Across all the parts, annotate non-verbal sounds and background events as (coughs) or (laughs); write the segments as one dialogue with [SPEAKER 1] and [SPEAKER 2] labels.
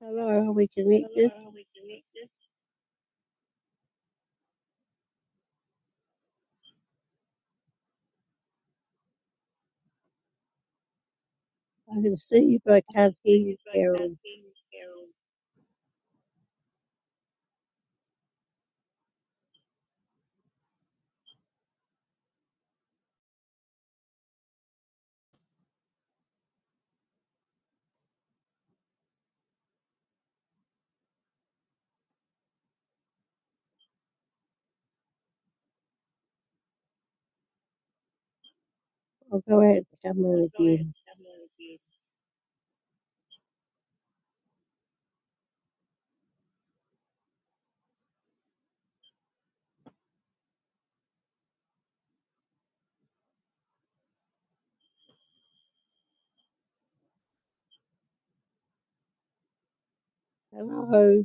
[SPEAKER 1] Hello, are we connected? I can see you, but I can't hear you, Carol. I'll go out and come in again. Hello.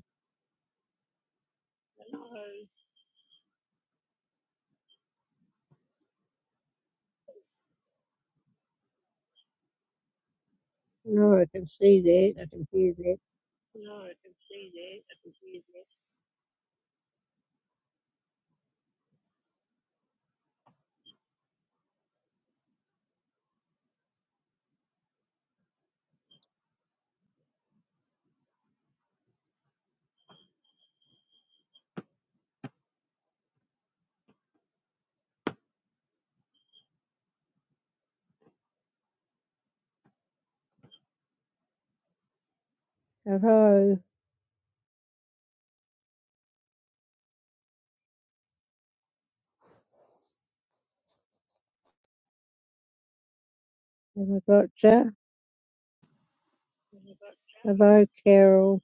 [SPEAKER 1] No, I can see that. I can hear that. Hello. Have I got you? Hello, Carol.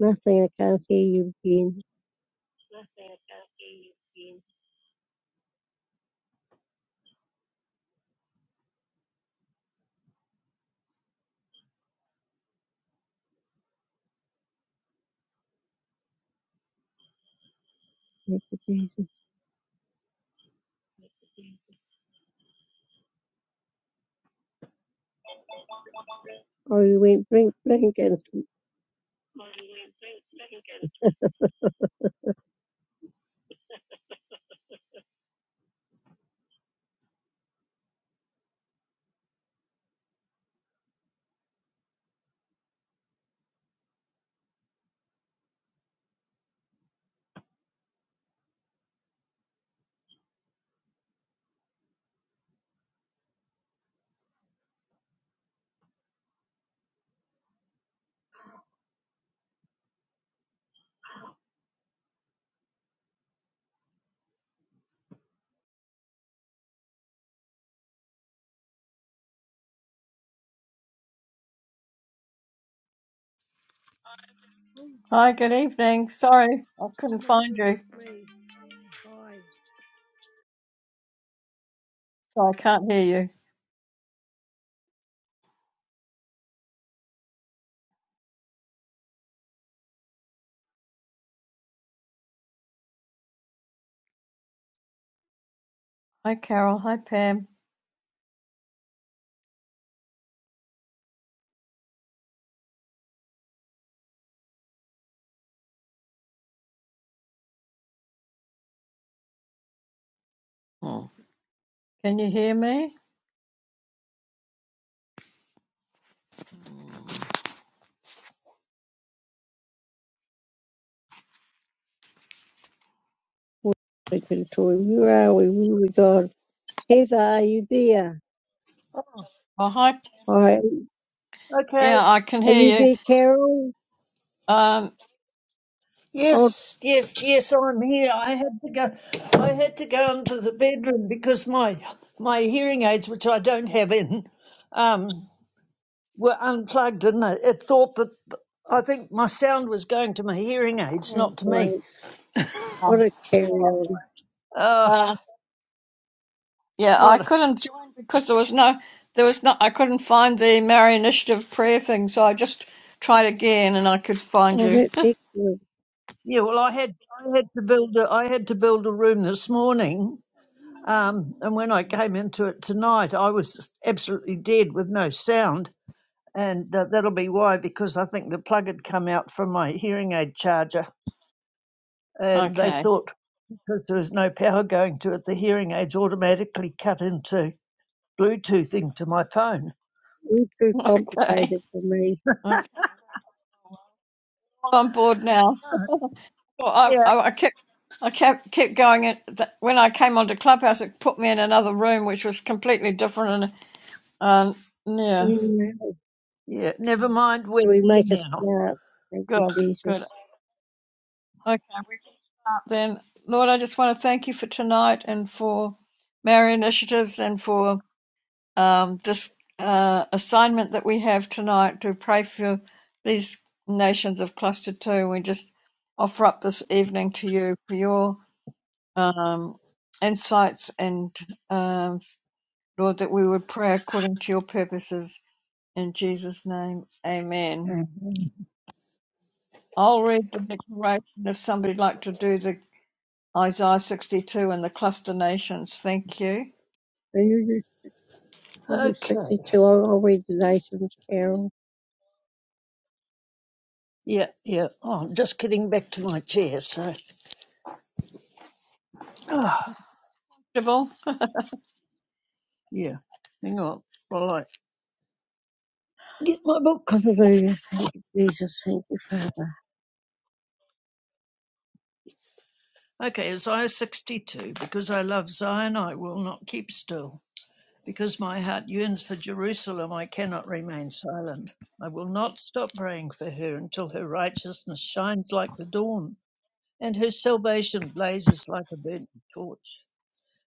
[SPEAKER 1] Nothing, I can't hear you again. Thank you, Jesus. Oh, you went blink, blink, and oh, oh
[SPEAKER 2] Hi, good evening. Sorry, I couldn't
[SPEAKER 1] my
[SPEAKER 2] find
[SPEAKER 1] goodness
[SPEAKER 2] you,
[SPEAKER 1] me. Hi.
[SPEAKER 2] so I can't hear you. Hi, Carol. Hi, Pam. Hmm. Can you hear me?
[SPEAKER 1] Well, I can tell Where are we? Where we gone? Heather, are you there?
[SPEAKER 2] Oh, hi.
[SPEAKER 1] Hi.
[SPEAKER 3] Okay.
[SPEAKER 2] Yeah, I can
[SPEAKER 1] Are you
[SPEAKER 2] hear you.
[SPEAKER 1] there, Carol?
[SPEAKER 2] Um,
[SPEAKER 1] Oh,
[SPEAKER 3] Yes, yes, yes. I'm here. I had to go. I had to go into the bedroom because my my hearing aids, which I don't have in, um, were unplugged, and it, it thought that I think my sound was going to my hearing aids,
[SPEAKER 1] oh
[SPEAKER 3] not to
[SPEAKER 1] boy.
[SPEAKER 3] me.
[SPEAKER 1] What
[SPEAKER 2] oh,
[SPEAKER 1] a carry on.
[SPEAKER 3] Uh,
[SPEAKER 2] uh, yeah, I
[SPEAKER 3] what?
[SPEAKER 2] couldn't join because there was no, there was not, I couldn't find the Mary Initiative prayer thing, so I just tried again and I could find
[SPEAKER 1] Oh,
[SPEAKER 2] you. (laughs)
[SPEAKER 1] that's excellent.
[SPEAKER 3] Yeah. Well, I had I had to build a, I had to build a room this morning, um, and when I came into it tonight, I was absolutely dead with no sound and uh, that'll be why because I think the plug had come out from my hearing aid charger, and they
[SPEAKER 2] Okay,
[SPEAKER 3] thought because there was no power going to it, the hearing aids automatically cut into Bluetooth into my phone.
[SPEAKER 1] All
[SPEAKER 2] (laughs)
[SPEAKER 1] too
[SPEAKER 2] okay,
[SPEAKER 1] complicated for me.
[SPEAKER 2] okay. Well, I'm bored now. Well, I,
[SPEAKER 3] Yeah,
[SPEAKER 2] I, I kept, I kept, kept going. It th- when I came onto Clubhouse, it put me in another room, which was completely different. And um, yeah,
[SPEAKER 1] Anyway,
[SPEAKER 3] yeah. Never mind,
[SPEAKER 1] do
[SPEAKER 3] we're
[SPEAKER 1] we
[SPEAKER 3] here
[SPEAKER 1] make a
[SPEAKER 3] now.
[SPEAKER 1] start? Thank you,
[SPEAKER 2] good, good.
[SPEAKER 1] Jesus.
[SPEAKER 2] Okay, we up then. Lord, I just want to thank you for tonight and for Mary Initiatives and for um, this uh, assignment that we have tonight to pray for these nations of Cluster Two. We just offer up this evening to you for your um, insights and. Um, Lord, that we would pray according to your purposes. In Jesus' name, amen.
[SPEAKER 3] Mhm.
[SPEAKER 2] I'll read the declaration if somebody'd like to do the Isaiah 62 and the cluster nations. Thank you.
[SPEAKER 1] And you do, you do
[SPEAKER 3] Okay.
[SPEAKER 1] 62. I'll, I'll read the nations, Carol.
[SPEAKER 3] Yeah, yeah. Oh, I'm just getting back to my chair. So, oh,
[SPEAKER 2] Sybil?
[SPEAKER 3] yeah. Hang on while I get my book.
[SPEAKER 1] Hallelujah. Thank you, Jesus. Thank you, Father.
[SPEAKER 3] Okay, Isaiah 62. Because I love Zion, I will not keep still. Because my heart yearns for Jerusalem, I cannot remain silent. I will not stop praying for her until her righteousness shines like the dawn and her salvation blazes like a burning torch.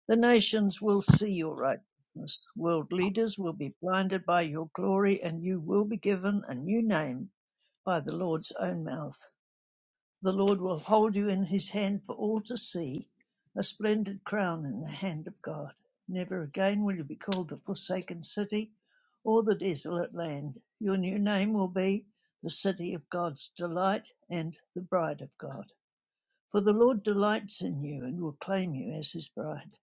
[SPEAKER 3] The nations will see your righteousness. World leaders will be blinded by your glory, and you will be given a new name by the Lord's own mouth. The Lord will hold you in his hand for all to see, a splendid crown in the hand of God. Never again will you be called the forsaken city or the desolate land. Your new name will be the city of God's delight and the bride of God. For the Lord delights in you and will claim you as his bride.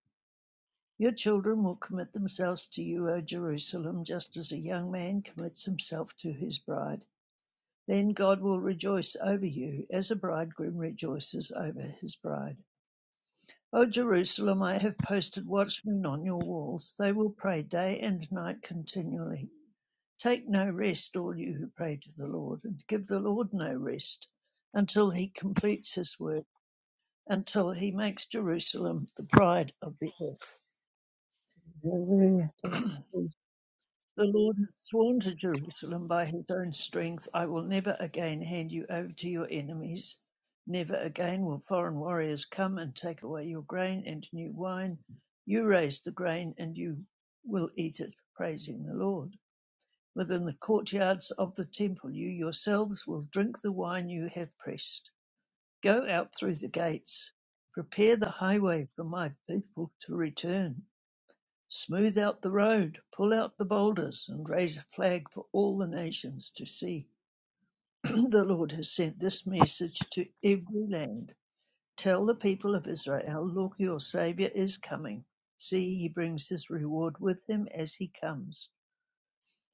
[SPEAKER 3] Your children will commit themselves to you, O Jerusalem, just as a young man commits himself to his bride. Then God will rejoice over you, as a bridegroom rejoices over his bride. O Jerusalem, I have posted watchmen on your walls. They will pray day and night continually. Take no rest, all you who pray to the Lord, and give the Lord no rest until he completes his work, until he makes Jerusalem the pride of the earth.
[SPEAKER 1] Hallelujah. Thank you, Jesus.
[SPEAKER 3] The Lord has sworn to Jerusalem by his own strength, I will never again hand you over to your enemies. Never again will foreign warriors come and take away your grain and new wine. You raise the grain and you will eat it, praising the Lord. Within the courtyards of the temple, you yourselves will drink the wine you have pressed. Go out through the gates. Prepare the highway for my people to return. Smooth out the road, pull out the boulders, and raise a flag for all the nations to see. (clears throat) the Lord has sent this message to every land. Tell the people of Israel, look, your Savior is coming. See, he brings his reward with him as he comes.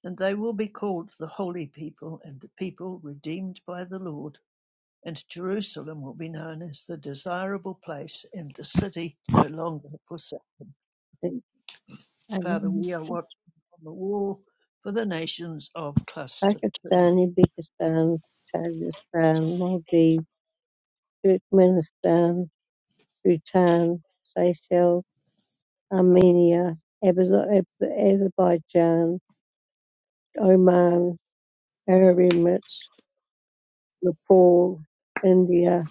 [SPEAKER 3] And they will be called the holy people and the people redeemed by the Lord. And Jerusalem will be known as the desirable place and the city no longer forsaken.
[SPEAKER 1] Thank you.
[SPEAKER 3] Father,
[SPEAKER 2] Amen.
[SPEAKER 3] we are watching on the wall for the nations of Cluster 2.
[SPEAKER 1] Pakistan, Uzbekistan, Tajikistan, Maldives, Turkmenistan, Bhutan, Seychelles, Armenia, Abazo- Ab- Azerbaijan, Oman, very much Nepal, India,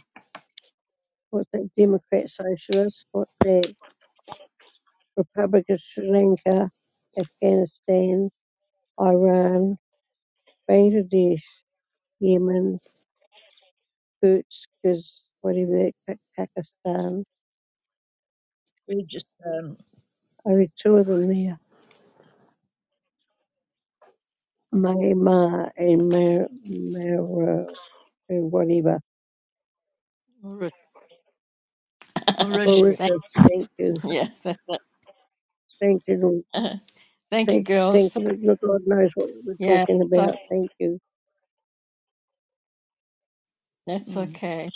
[SPEAKER 1] what's that, Democrat Socialists, what's that, Republic of Sri Lanka, Afghanistan, Iran, Bangladesh, Yemen, Kyrgyz, whatever, that, Pa- Pakistan,
[SPEAKER 3] Kyrgyzstan,
[SPEAKER 1] only two of them there, Myanmar and Mar- Mar- and whatever.
[SPEAKER 2] All right. (laughs)
[SPEAKER 3] Mauritius.
[SPEAKER 2] Thank,
[SPEAKER 1] Mauritius, thank you,
[SPEAKER 2] yeah, that's it.
[SPEAKER 1] thank you, Lord.
[SPEAKER 2] Thank you,
[SPEAKER 1] thank you,
[SPEAKER 2] girls.
[SPEAKER 1] thank you, Look, God knows what we're
[SPEAKER 2] Yeah,
[SPEAKER 1] talking
[SPEAKER 2] so
[SPEAKER 1] about, thank you,
[SPEAKER 2] that's
[SPEAKER 3] Mm,
[SPEAKER 2] okay.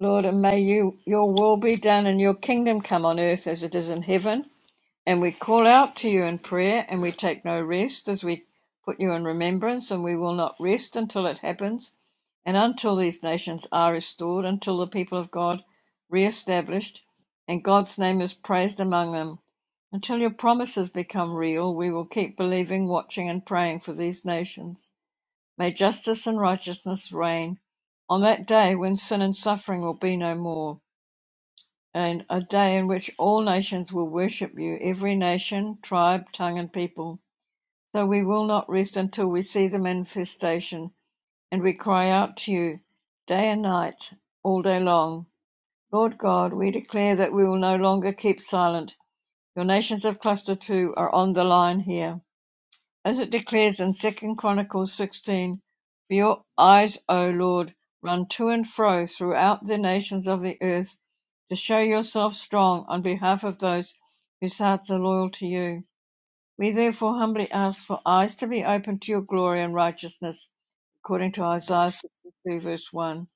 [SPEAKER 2] Lord, and may you your will be done and your kingdom come on earth as it is in heaven. And we call out to you in prayer, and we take no rest as we put you in remembrance, and we will not rest until it happens, and until these nations are restored, until the people of God reestablished, and God's name is praised among them. Until your promises become real, we will keep believing, watching, and praying for these nations. May justice and righteousness reign on that day when sin and suffering will be no more and a day in which all nations will worship you, every nation, tribe, tongue, and people. So we will not rest until we see the manifestation, and we cry out to you day and night, all day long. Lord God, we declare that we will no longer keep silent. Your nations of Cluster 2 are on the line here. As it declares in Second Chronicles sixteen, For your eyes, O Lord, run to and fro throughout the nations of the earth, to show yourself strong on behalf of those whose hearts are loyal to you. We therefore humbly ask for eyes to be opened to your glory and righteousness, according to Isaiah 62, verse 1.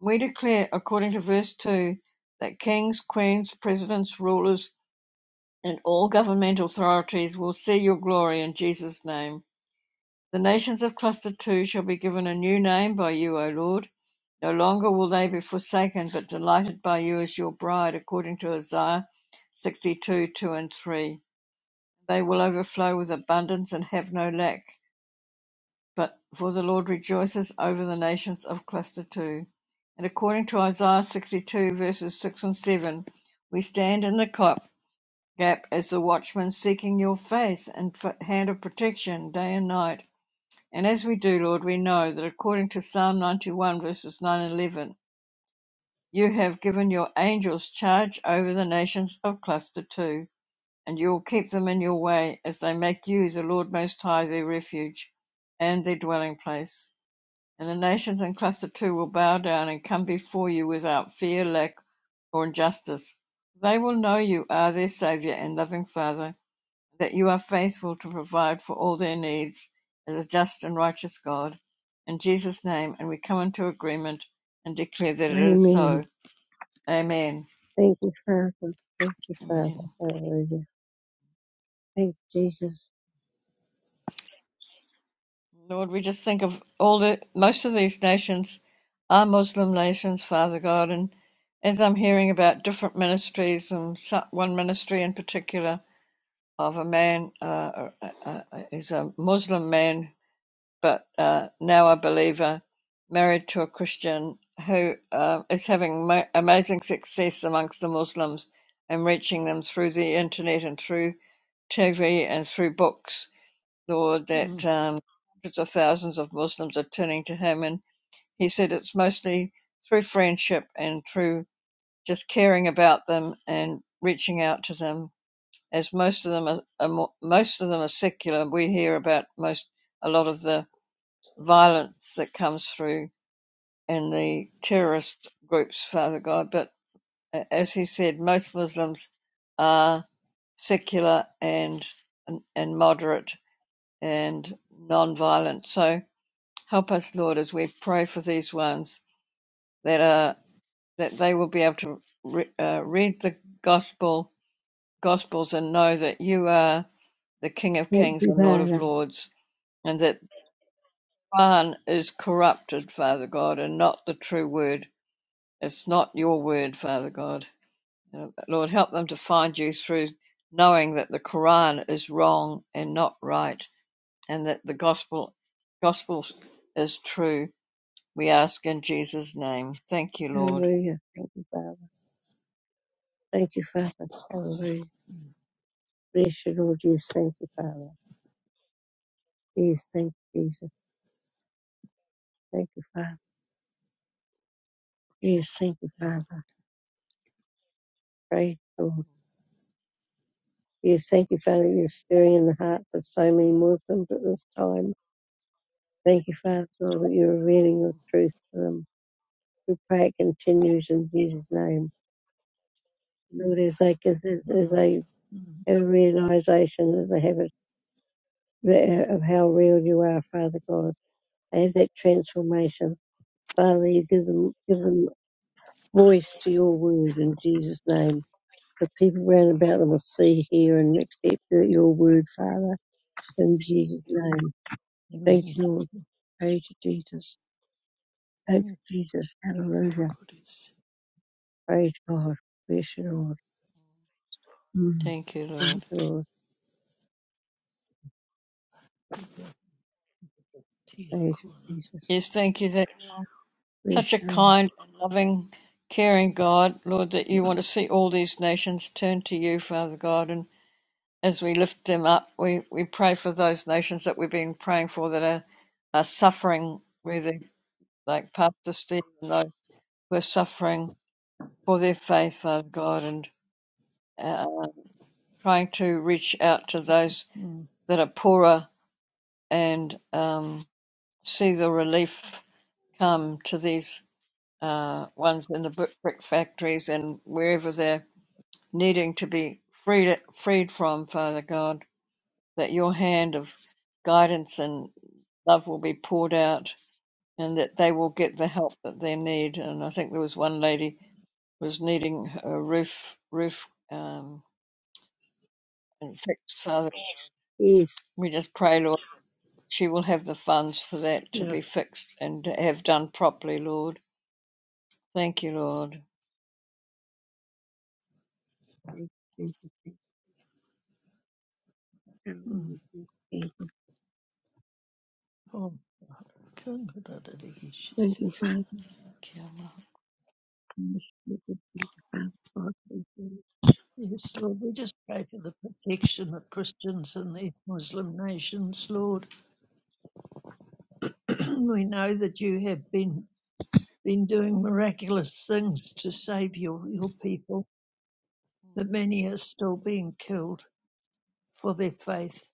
[SPEAKER 2] We declare, according to verse 2, that kings, queens, presidents, rulers, and all governmental authorities will see your glory in Jesus' name. The nations of cluster two shall be given a new name by you, O Lord. No longer will they be forsaken, but delighted by you as your bride, according to Isaiah 62, 2 and 3. They will overflow with abundance and have no lack. But for the Lord rejoices over the nations of cluster two. And according to Isaiah 62, verses 6 and 7, we stand in the cop gap as the watchman seeking your face and hand of protection day and night. And as we do, Lord, we know that according to Psalm 91, verses 9 and 11, you have given your angels charge over the nations of cluster 2, and you will keep them in your way as they make you, the Lord Most High, their refuge and their dwelling place. And the nations in cluster 2 will bow down and come before you without fear, lack, or injustice. They will know you are their Saviour and loving Father that you are faithful to provide for all their needs as a just and righteous God. In Jesus' name, and we come into agreement and declare that it is
[SPEAKER 1] amen.
[SPEAKER 2] so. Amen.
[SPEAKER 1] Thank you, Father. Thank you, Father.
[SPEAKER 2] Amen.
[SPEAKER 1] Hallelujah. Thank you, Jesus.
[SPEAKER 2] Lord, we just think of all the most of these nations are Muslim nations, Father God, and as I'm hearing about different ministries and so- one ministry in particular of a man, uh, uh, uh, uh, is a Muslim man but uh, now a believer, married to a Christian who uh, is having ma- amazing success amongst the Muslims and reaching them through the internet and through TV and through books. Lord, that
[SPEAKER 3] mm,
[SPEAKER 2] um, hundreds of thousands of Muslims are turning to him, and he said it's mostly through friendship and through just caring about them and reaching out to them. As most of them are, are mo- most of them are secular, we hear about most a lot of the violence that comes through in the terrorist groups, Father God. But as he said, most Muslims are secular and and moderate and non-violent. So help us, Lord, as we pray for these ones that are that they will be able to re, uh, read the gospel gospels and know that you are the King of
[SPEAKER 1] Thank
[SPEAKER 2] Kings
[SPEAKER 1] you,
[SPEAKER 2] and Lord of
[SPEAKER 1] Father.
[SPEAKER 2] Lords, and that Quran is corrupted, Father God, and not the true word It's not your word, Father God. Uh, Lord, help them to find you through knowing that the Quran is wrong and not right, and that the gospel gospel is true. We ask in Jesus' name. Thank you, Lord.
[SPEAKER 1] Hallelujah. Thank you, Father. Thank you, Father. Hallelujah. Bless you, Lord. Yes, thank you, Father. Yes, thank you, Jesus. Thank you, Father. Yes, thank you,
[SPEAKER 3] yeah,
[SPEAKER 1] Father. Praise the Lord. Yes, thank you, Father. You're stirring in the hearts of so many Muslims at this time. Thank you, Father God, that you're revealing your
[SPEAKER 2] Mm.
[SPEAKER 1] truth to them. We pray it continues in Jesus' name. Lord, as they, as, as as
[SPEAKER 3] mm,
[SPEAKER 1] they
[SPEAKER 3] mm.
[SPEAKER 1] have a realization that they have re- of how real you are, Father God. They have that transformation. Father, you give them, give them voice to your word in Jesus' name. The people round about them will see, hear, and accept your word, Father, in Jesus' name. Thank
[SPEAKER 3] Amen.
[SPEAKER 1] you, Lord. Praise to Jesus. Thank
[SPEAKER 3] Yeah,
[SPEAKER 1] you, Jesus.
[SPEAKER 3] the
[SPEAKER 1] Hallelujah.
[SPEAKER 3] good is-
[SPEAKER 1] Praise God. Bless you, Lord. Mm.
[SPEAKER 2] Thank you,
[SPEAKER 1] Thank you,
[SPEAKER 2] Lord.
[SPEAKER 1] Lord.
[SPEAKER 3] yeah, tia
[SPEAKER 1] Praise you,
[SPEAKER 3] kona.
[SPEAKER 1] Jesus.
[SPEAKER 2] Yes, thank you that such a
[SPEAKER 1] Bless you, Lord.
[SPEAKER 2] kind, loving, caring God, Lord, that you want to see all these nations turn to you, Father God, and as we lift them up, we, we pray for those nations that we've been praying for that are, are suffering, where they, like Pastor Steve and those who are suffering for their faith, Father God, and uh, trying to reach out to those
[SPEAKER 3] Mm,
[SPEAKER 2] that are poorer and um, see the relief come to these uh, ones in the brick factories and wherever they're needing to be freed, freed from, Father God, that your hand of guidance and love will be poured out and that they will get the help that they need. And I think there was one lady who was needing a roof roof um, fixed. Father,
[SPEAKER 1] Yes.
[SPEAKER 2] we just pray, Lord, she will have the funds for that to
[SPEAKER 3] yeah,
[SPEAKER 2] be fixed and to have done properly, Lord. Thank you, Lord.
[SPEAKER 1] Thank you, Jesus.
[SPEAKER 3] mm.
[SPEAKER 1] Hallelujah. Thank you,
[SPEAKER 3] Oh, kanga da da da he she
[SPEAKER 1] Thank you,
[SPEAKER 3] see.
[SPEAKER 1] Father.
[SPEAKER 2] Thank you, Lord.
[SPEAKER 1] Hallelujah.
[SPEAKER 3] Yes, Lord, we just pray for the protection of Christians in the Muslim nations, Lord. (clears throat) we know that you have been been doing miraculous things to save your, your people that many are still being killed for their faith,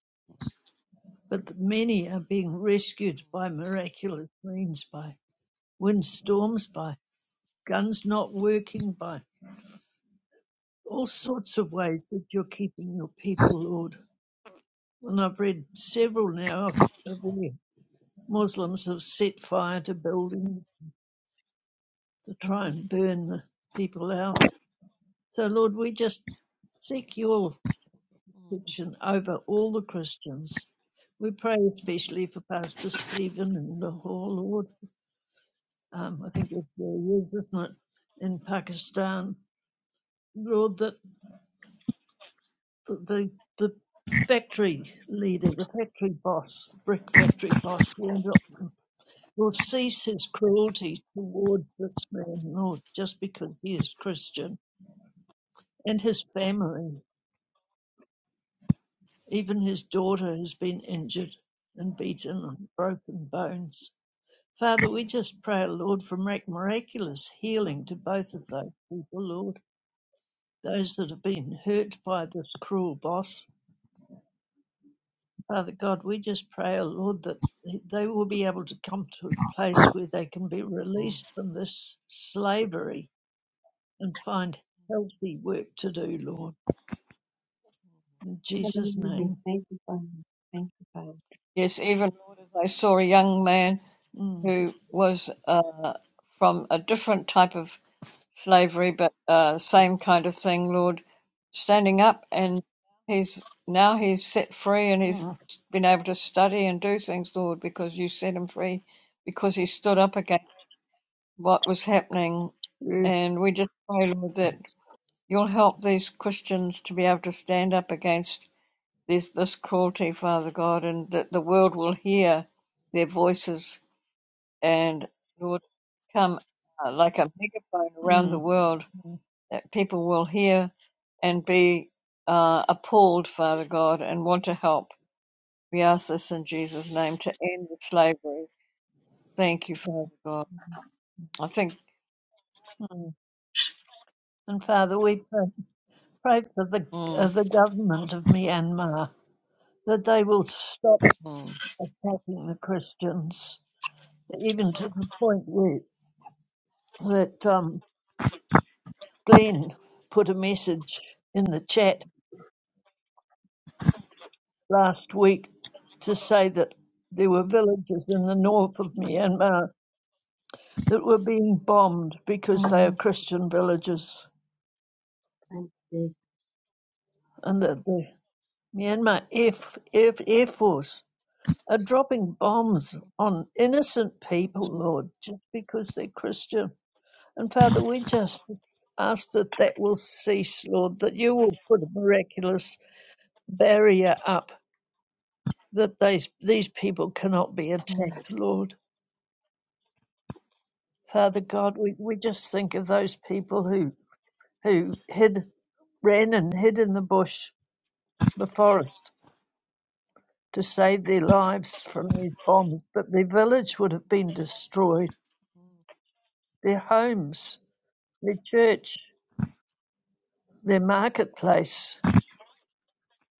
[SPEAKER 3] but that many are being rescued by miraculous means, by windstorms, by guns not working, by all sorts of ways that you're keeping your people, Lord. And I've read several now of, of where Muslims have set fire to buildings to try
[SPEAKER 2] Mm,
[SPEAKER 3] and burn the people out. So, Lord, we just seek your
[SPEAKER 2] mm,
[SPEAKER 3] jurisdiction over all the Christians. We pray especially for Pastor Stephen in Lahore, Lord. Um, I think it's where he is, isn't it? In Pakistan, Lord, that the the factory leader, the factory boss, brick factory boss, will not- will cease his cruelty towards this man, Lord, just because he is Christian, and his family, even his daughter, has been injured and beaten and broken bones. Father, we just pray, Lord, for mirac- miraculous healing to both of those people, Lord, those that have been hurt by this cruel boss. Father God, we just pray, oh Lord, that they will be able to come to a place where they can be
[SPEAKER 2] mm.
[SPEAKER 3] released from this slavery and find healthy work to do, Lord. In Jesus' name.
[SPEAKER 1] Thank you, Father. Thank you, Father.
[SPEAKER 2] Yes, even Lord, as I saw a young man
[SPEAKER 3] Mm,
[SPEAKER 2] who was uh, from a different type of slavery, but uh, same kind of thing, Lord, standing up and he's now he's set free and he's
[SPEAKER 3] mm,
[SPEAKER 2] been able to study and do things, Lord, because you set him free, because he stood up against what was happening.
[SPEAKER 3] yes,
[SPEAKER 2] And we just pray, Lord, that you'll help these Christians to be able to stand up against this, this cruelty, Father God, and that the world will hear their voices and, Lord, come uh, like a megaphone around the
[SPEAKER 3] mm,
[SPEAKER 2] world
[SPEAKER 3] mm,
[SPEAKER 2] that people will hear and be uh, appalled, Father God, and want to help. We ask this in Jesus' name to end the slavery. Thank you, Father God. I think.
[SPEAKER 3] mm. And Father, we pray, pray for the, uh,
[SPEAKER 2] Mm,
[SPEAKER 3] the government of Myanmar that they will stop
[SPEAKER 2] mm,
[SPEAKER 3] attacking the Christians, even to the point where that um, Glenn put a message in the chat last week to say that there were villages in the north of Myanmar that were being bombed because they are
[SPEAKER 2] mm,
[SPEAKER 3] Christian villages,
[SPEAKER 1] Thank you, Jesus.
[SPEAKER 3] and that the Myanmar Air, F- Air, Air Force are dropping bombs on innocent people, Lord, just because they're Christian. And Father, we just ask that that will cease, Lord, that you will put a miraculous barrier up that these, these people cannot be
[SPEAKER 2] mm,
[SPEAKER 3] attacked, Lord. Father God, we, we just think of those people who, who hid, ran and hid in the bush, the forest, to save their lives from these bombs, but their village would have been destroyed, their homes, their church, their marketplace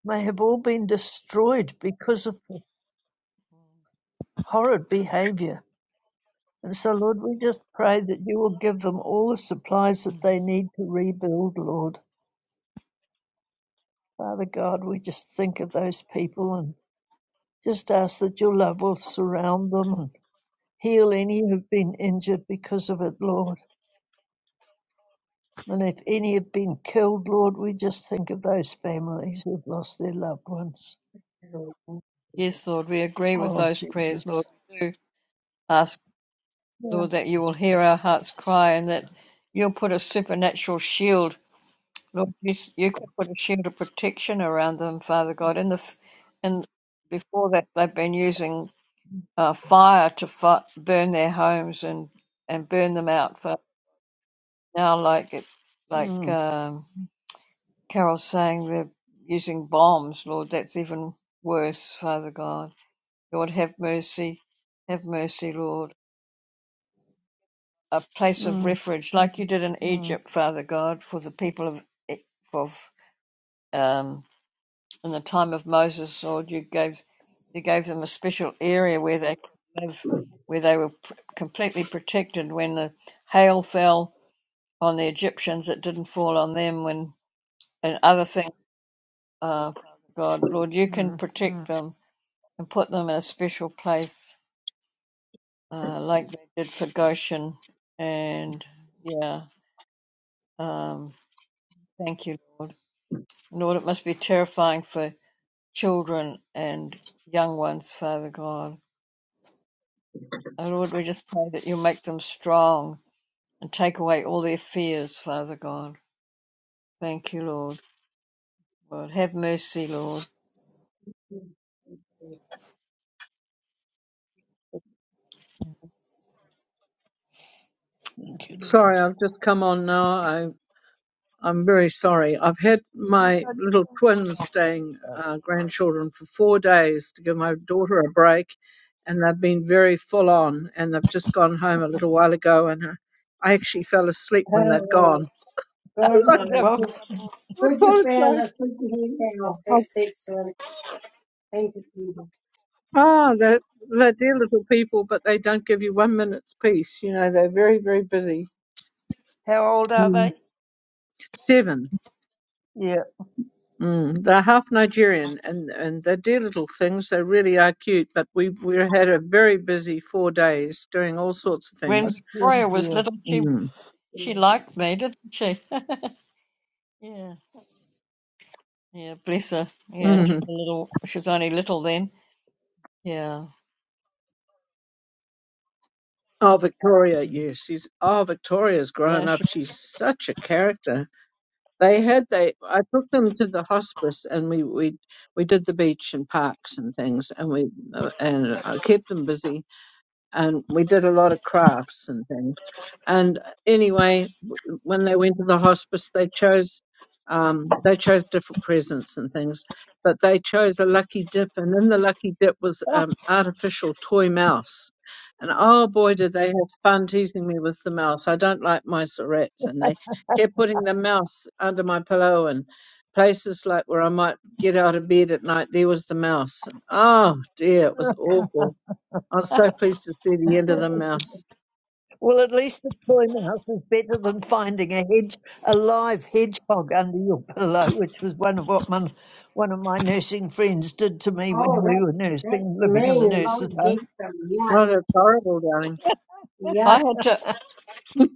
[SPEAKER 3] may have all been destroyed because of this. horrid behavior. And so, Lord, we just pray that you will give them all the supplies
[SPEAKER 2] mm.
[SPEAKER 3] that they need to rebuild, Lord. Father God, we just think of those people and just ask that your love will surround them and heal any who have been injured because of it, Lord. And if any have been killed, Lord, we just think of those families who've lost their loved ones.
[SPEAKER 1] Hallelujah. Thank
[SPEAKER 2] Yes, Lord, we agree with
[SPEAKER 3] Oh,
[SPEAKER 2] those prayers,
[SPEAKER 3] Jesus.
[SPEAKER 2] Lord. We do ask,
[SPEAKER 3] Yeah.
[SPEAKER 2] Lord, that you will hear our hearts cry and that you'll put a supernatural shield. Lord, you, you can put a shield of protection around them, Father God, in the, in, before that they've been using uh, fire to fi- burn their homes and, and burn them out for now. Like it, like
[SPEAKER 3] Mm,
[SPEAKER 2] um, Carol's saying, they're using bombs. Lord, that's even worse. Father God, Lord, have mercy, have mercy, Lord. A place of
[SPEAKER 3] mm,
[SPEAKER 2] refuge,
[SPEAKER 3] mm,
[SPEAKER 2] like you did in
[SPEAKER 3] mm,
[SPEAKER 2] Egypt, Father God, for the people of E, of um, in the time of Moses, Lord, you gave you gave them a special area where they could live, where they were pr- completely protected when the hail fell on the Egyptians. It didn't fall on them. When and other things, uh, God, Lord, you can
[SPEAKER 3] mm,
[SPEAKER 2] protect
[SPEAKER 3] mm.
[SPEAKER 2] them and put them in a special place, uh, like they did for Goshen. And yeah, um, thank you, Lord. Lord, it must be terrifying for children and young ones, Father God Oh Lord, we just pray that you'll make them strong and take away all their fears, Father God. Thank you, Lord. Lord, have mercy, Lord.
[SPEAKER 1] you,
[SPEAKER 3] Thank you,
[SPEAKER 4] Sorry,
[SPEAKER 3] Lord.
[SPEAKER 4] I've just come on now. I, I'm very sorry. I've had my little twins staying, uh, grandchildren, for four days to give my daughter a break, and they've been very full on. And they've just gone home a little while ago, and I, I actually fell asleep
[SPEAKER 1] Father.
[SPEAKER 4] when they'd
[SPEAKER 2] Well,
[SPEAKER 1] Hallelujah.
[SPEAKER 4] gone.
[SPEAKER 1] God,
[SPEAKER 4] (laughs) I
[SPEAKER 1] Lord,
[SPEAKER 3] (laughs)
[SPEAKER 1] put,
[SPEAKER 2] Welcome.
[SPEAKER 1] put your fan,
[SPEAKER 4] apologize.
[SPEAKER 1] let's put your hand down. Thank
[SPEAKER 4] Oh,
[SPEAKER 1] thank you, son. Thank you, Jesus.
[SPEAKER 4] ah, they're, they're dear little people, but they don't give you one minute's peace. You know, they're very, very busy.
[SPEAKER 3] How old are
[SPEAKER 4] Mm.
[SPEAKER 3] they?
[SPEAKER 4] Seven.
[SPEAKER 3] Yeah,
[SPEAKER 4] Mm, they're half Nigerian and, and they do little things. They really are cute, but we, we had a very busy four days doing all sorts of
[SPEAKER 2] When
[SPEAKER 4] things.
[SPEAKER 3] I'm
[SPEAKER 2] Victoria was
[SPEAKER 3] sure.
[SPEAKER 2] little, she
[SPEAKER 4] Mm.
[SPEAKER 2] she
[SPEAKER 1] Amen.
[SPEAKER 2] liked me, didn't she? (laughs) yeah, yeah. Bless her. Yeah,
[SPEAKER 4] hmm
[SPEAKER 2] just a little. She was only little then. Yeah,
[SPEAKER 4] Oh, Victoria,
[SPEAKER 3] Yeah.
[SPEAKER 4] yes, she's, oh, Victoria's
[SPEAKER 2] yeah.
[SPEAKER 4] grown up.
[SPEAKER 2] She.
[SPEAKER 4] She's such a character. They had, they, I took them to the hospice and we, we, we did the beach and parks and things and we, uh, and I kept them busy and we did a lot of crafts and things. And anyway, w- when they went to the hospice, they chose um, they chose different presents and things, but they chose a lucky dip, and in the lucky dip was
[SPEAKER 2] Oh,
[SPEAKER 4] um, artificial toy mouse. And oh boy, did they have fun teasing me with the mouse. I don't like mice or rats, and they kept putting the mouse under my pillow and places like where I might get out of bed at night. There was the mouse, and oh dear, it was awful I
[SPEAKER 2] (laughs)
[SPEAKER 4] was so pleased to see the end of the mouse.
[SPEAKER 3] Well, at least the toy mouse is better than finding a hedge, a live hedgehog under your pillow, which was one of what one, one of my nursing friends did to me when
[SPEAKER 1] Oh,
[SPEAKER 3] we
[SPEAKER 1] that,
[SPEAKER 3] were
[SPEAKER 1] that's
[SPEAKER 3] nursing,
[SPEAKER 1] the
[SPEAKER 3] living in the
[SPEAKER 1] main, a lot
[SPEAKER 3] nurses'
[SPEAKER 1] of big
[SPEAKER 3] home.
[SPEAKER 1] stuff. Yeah,
[SPEAKER 4] Oh, that's horrible, darling.
[SPEAKER 1] yeah.
[SPEAKER 2] I had to.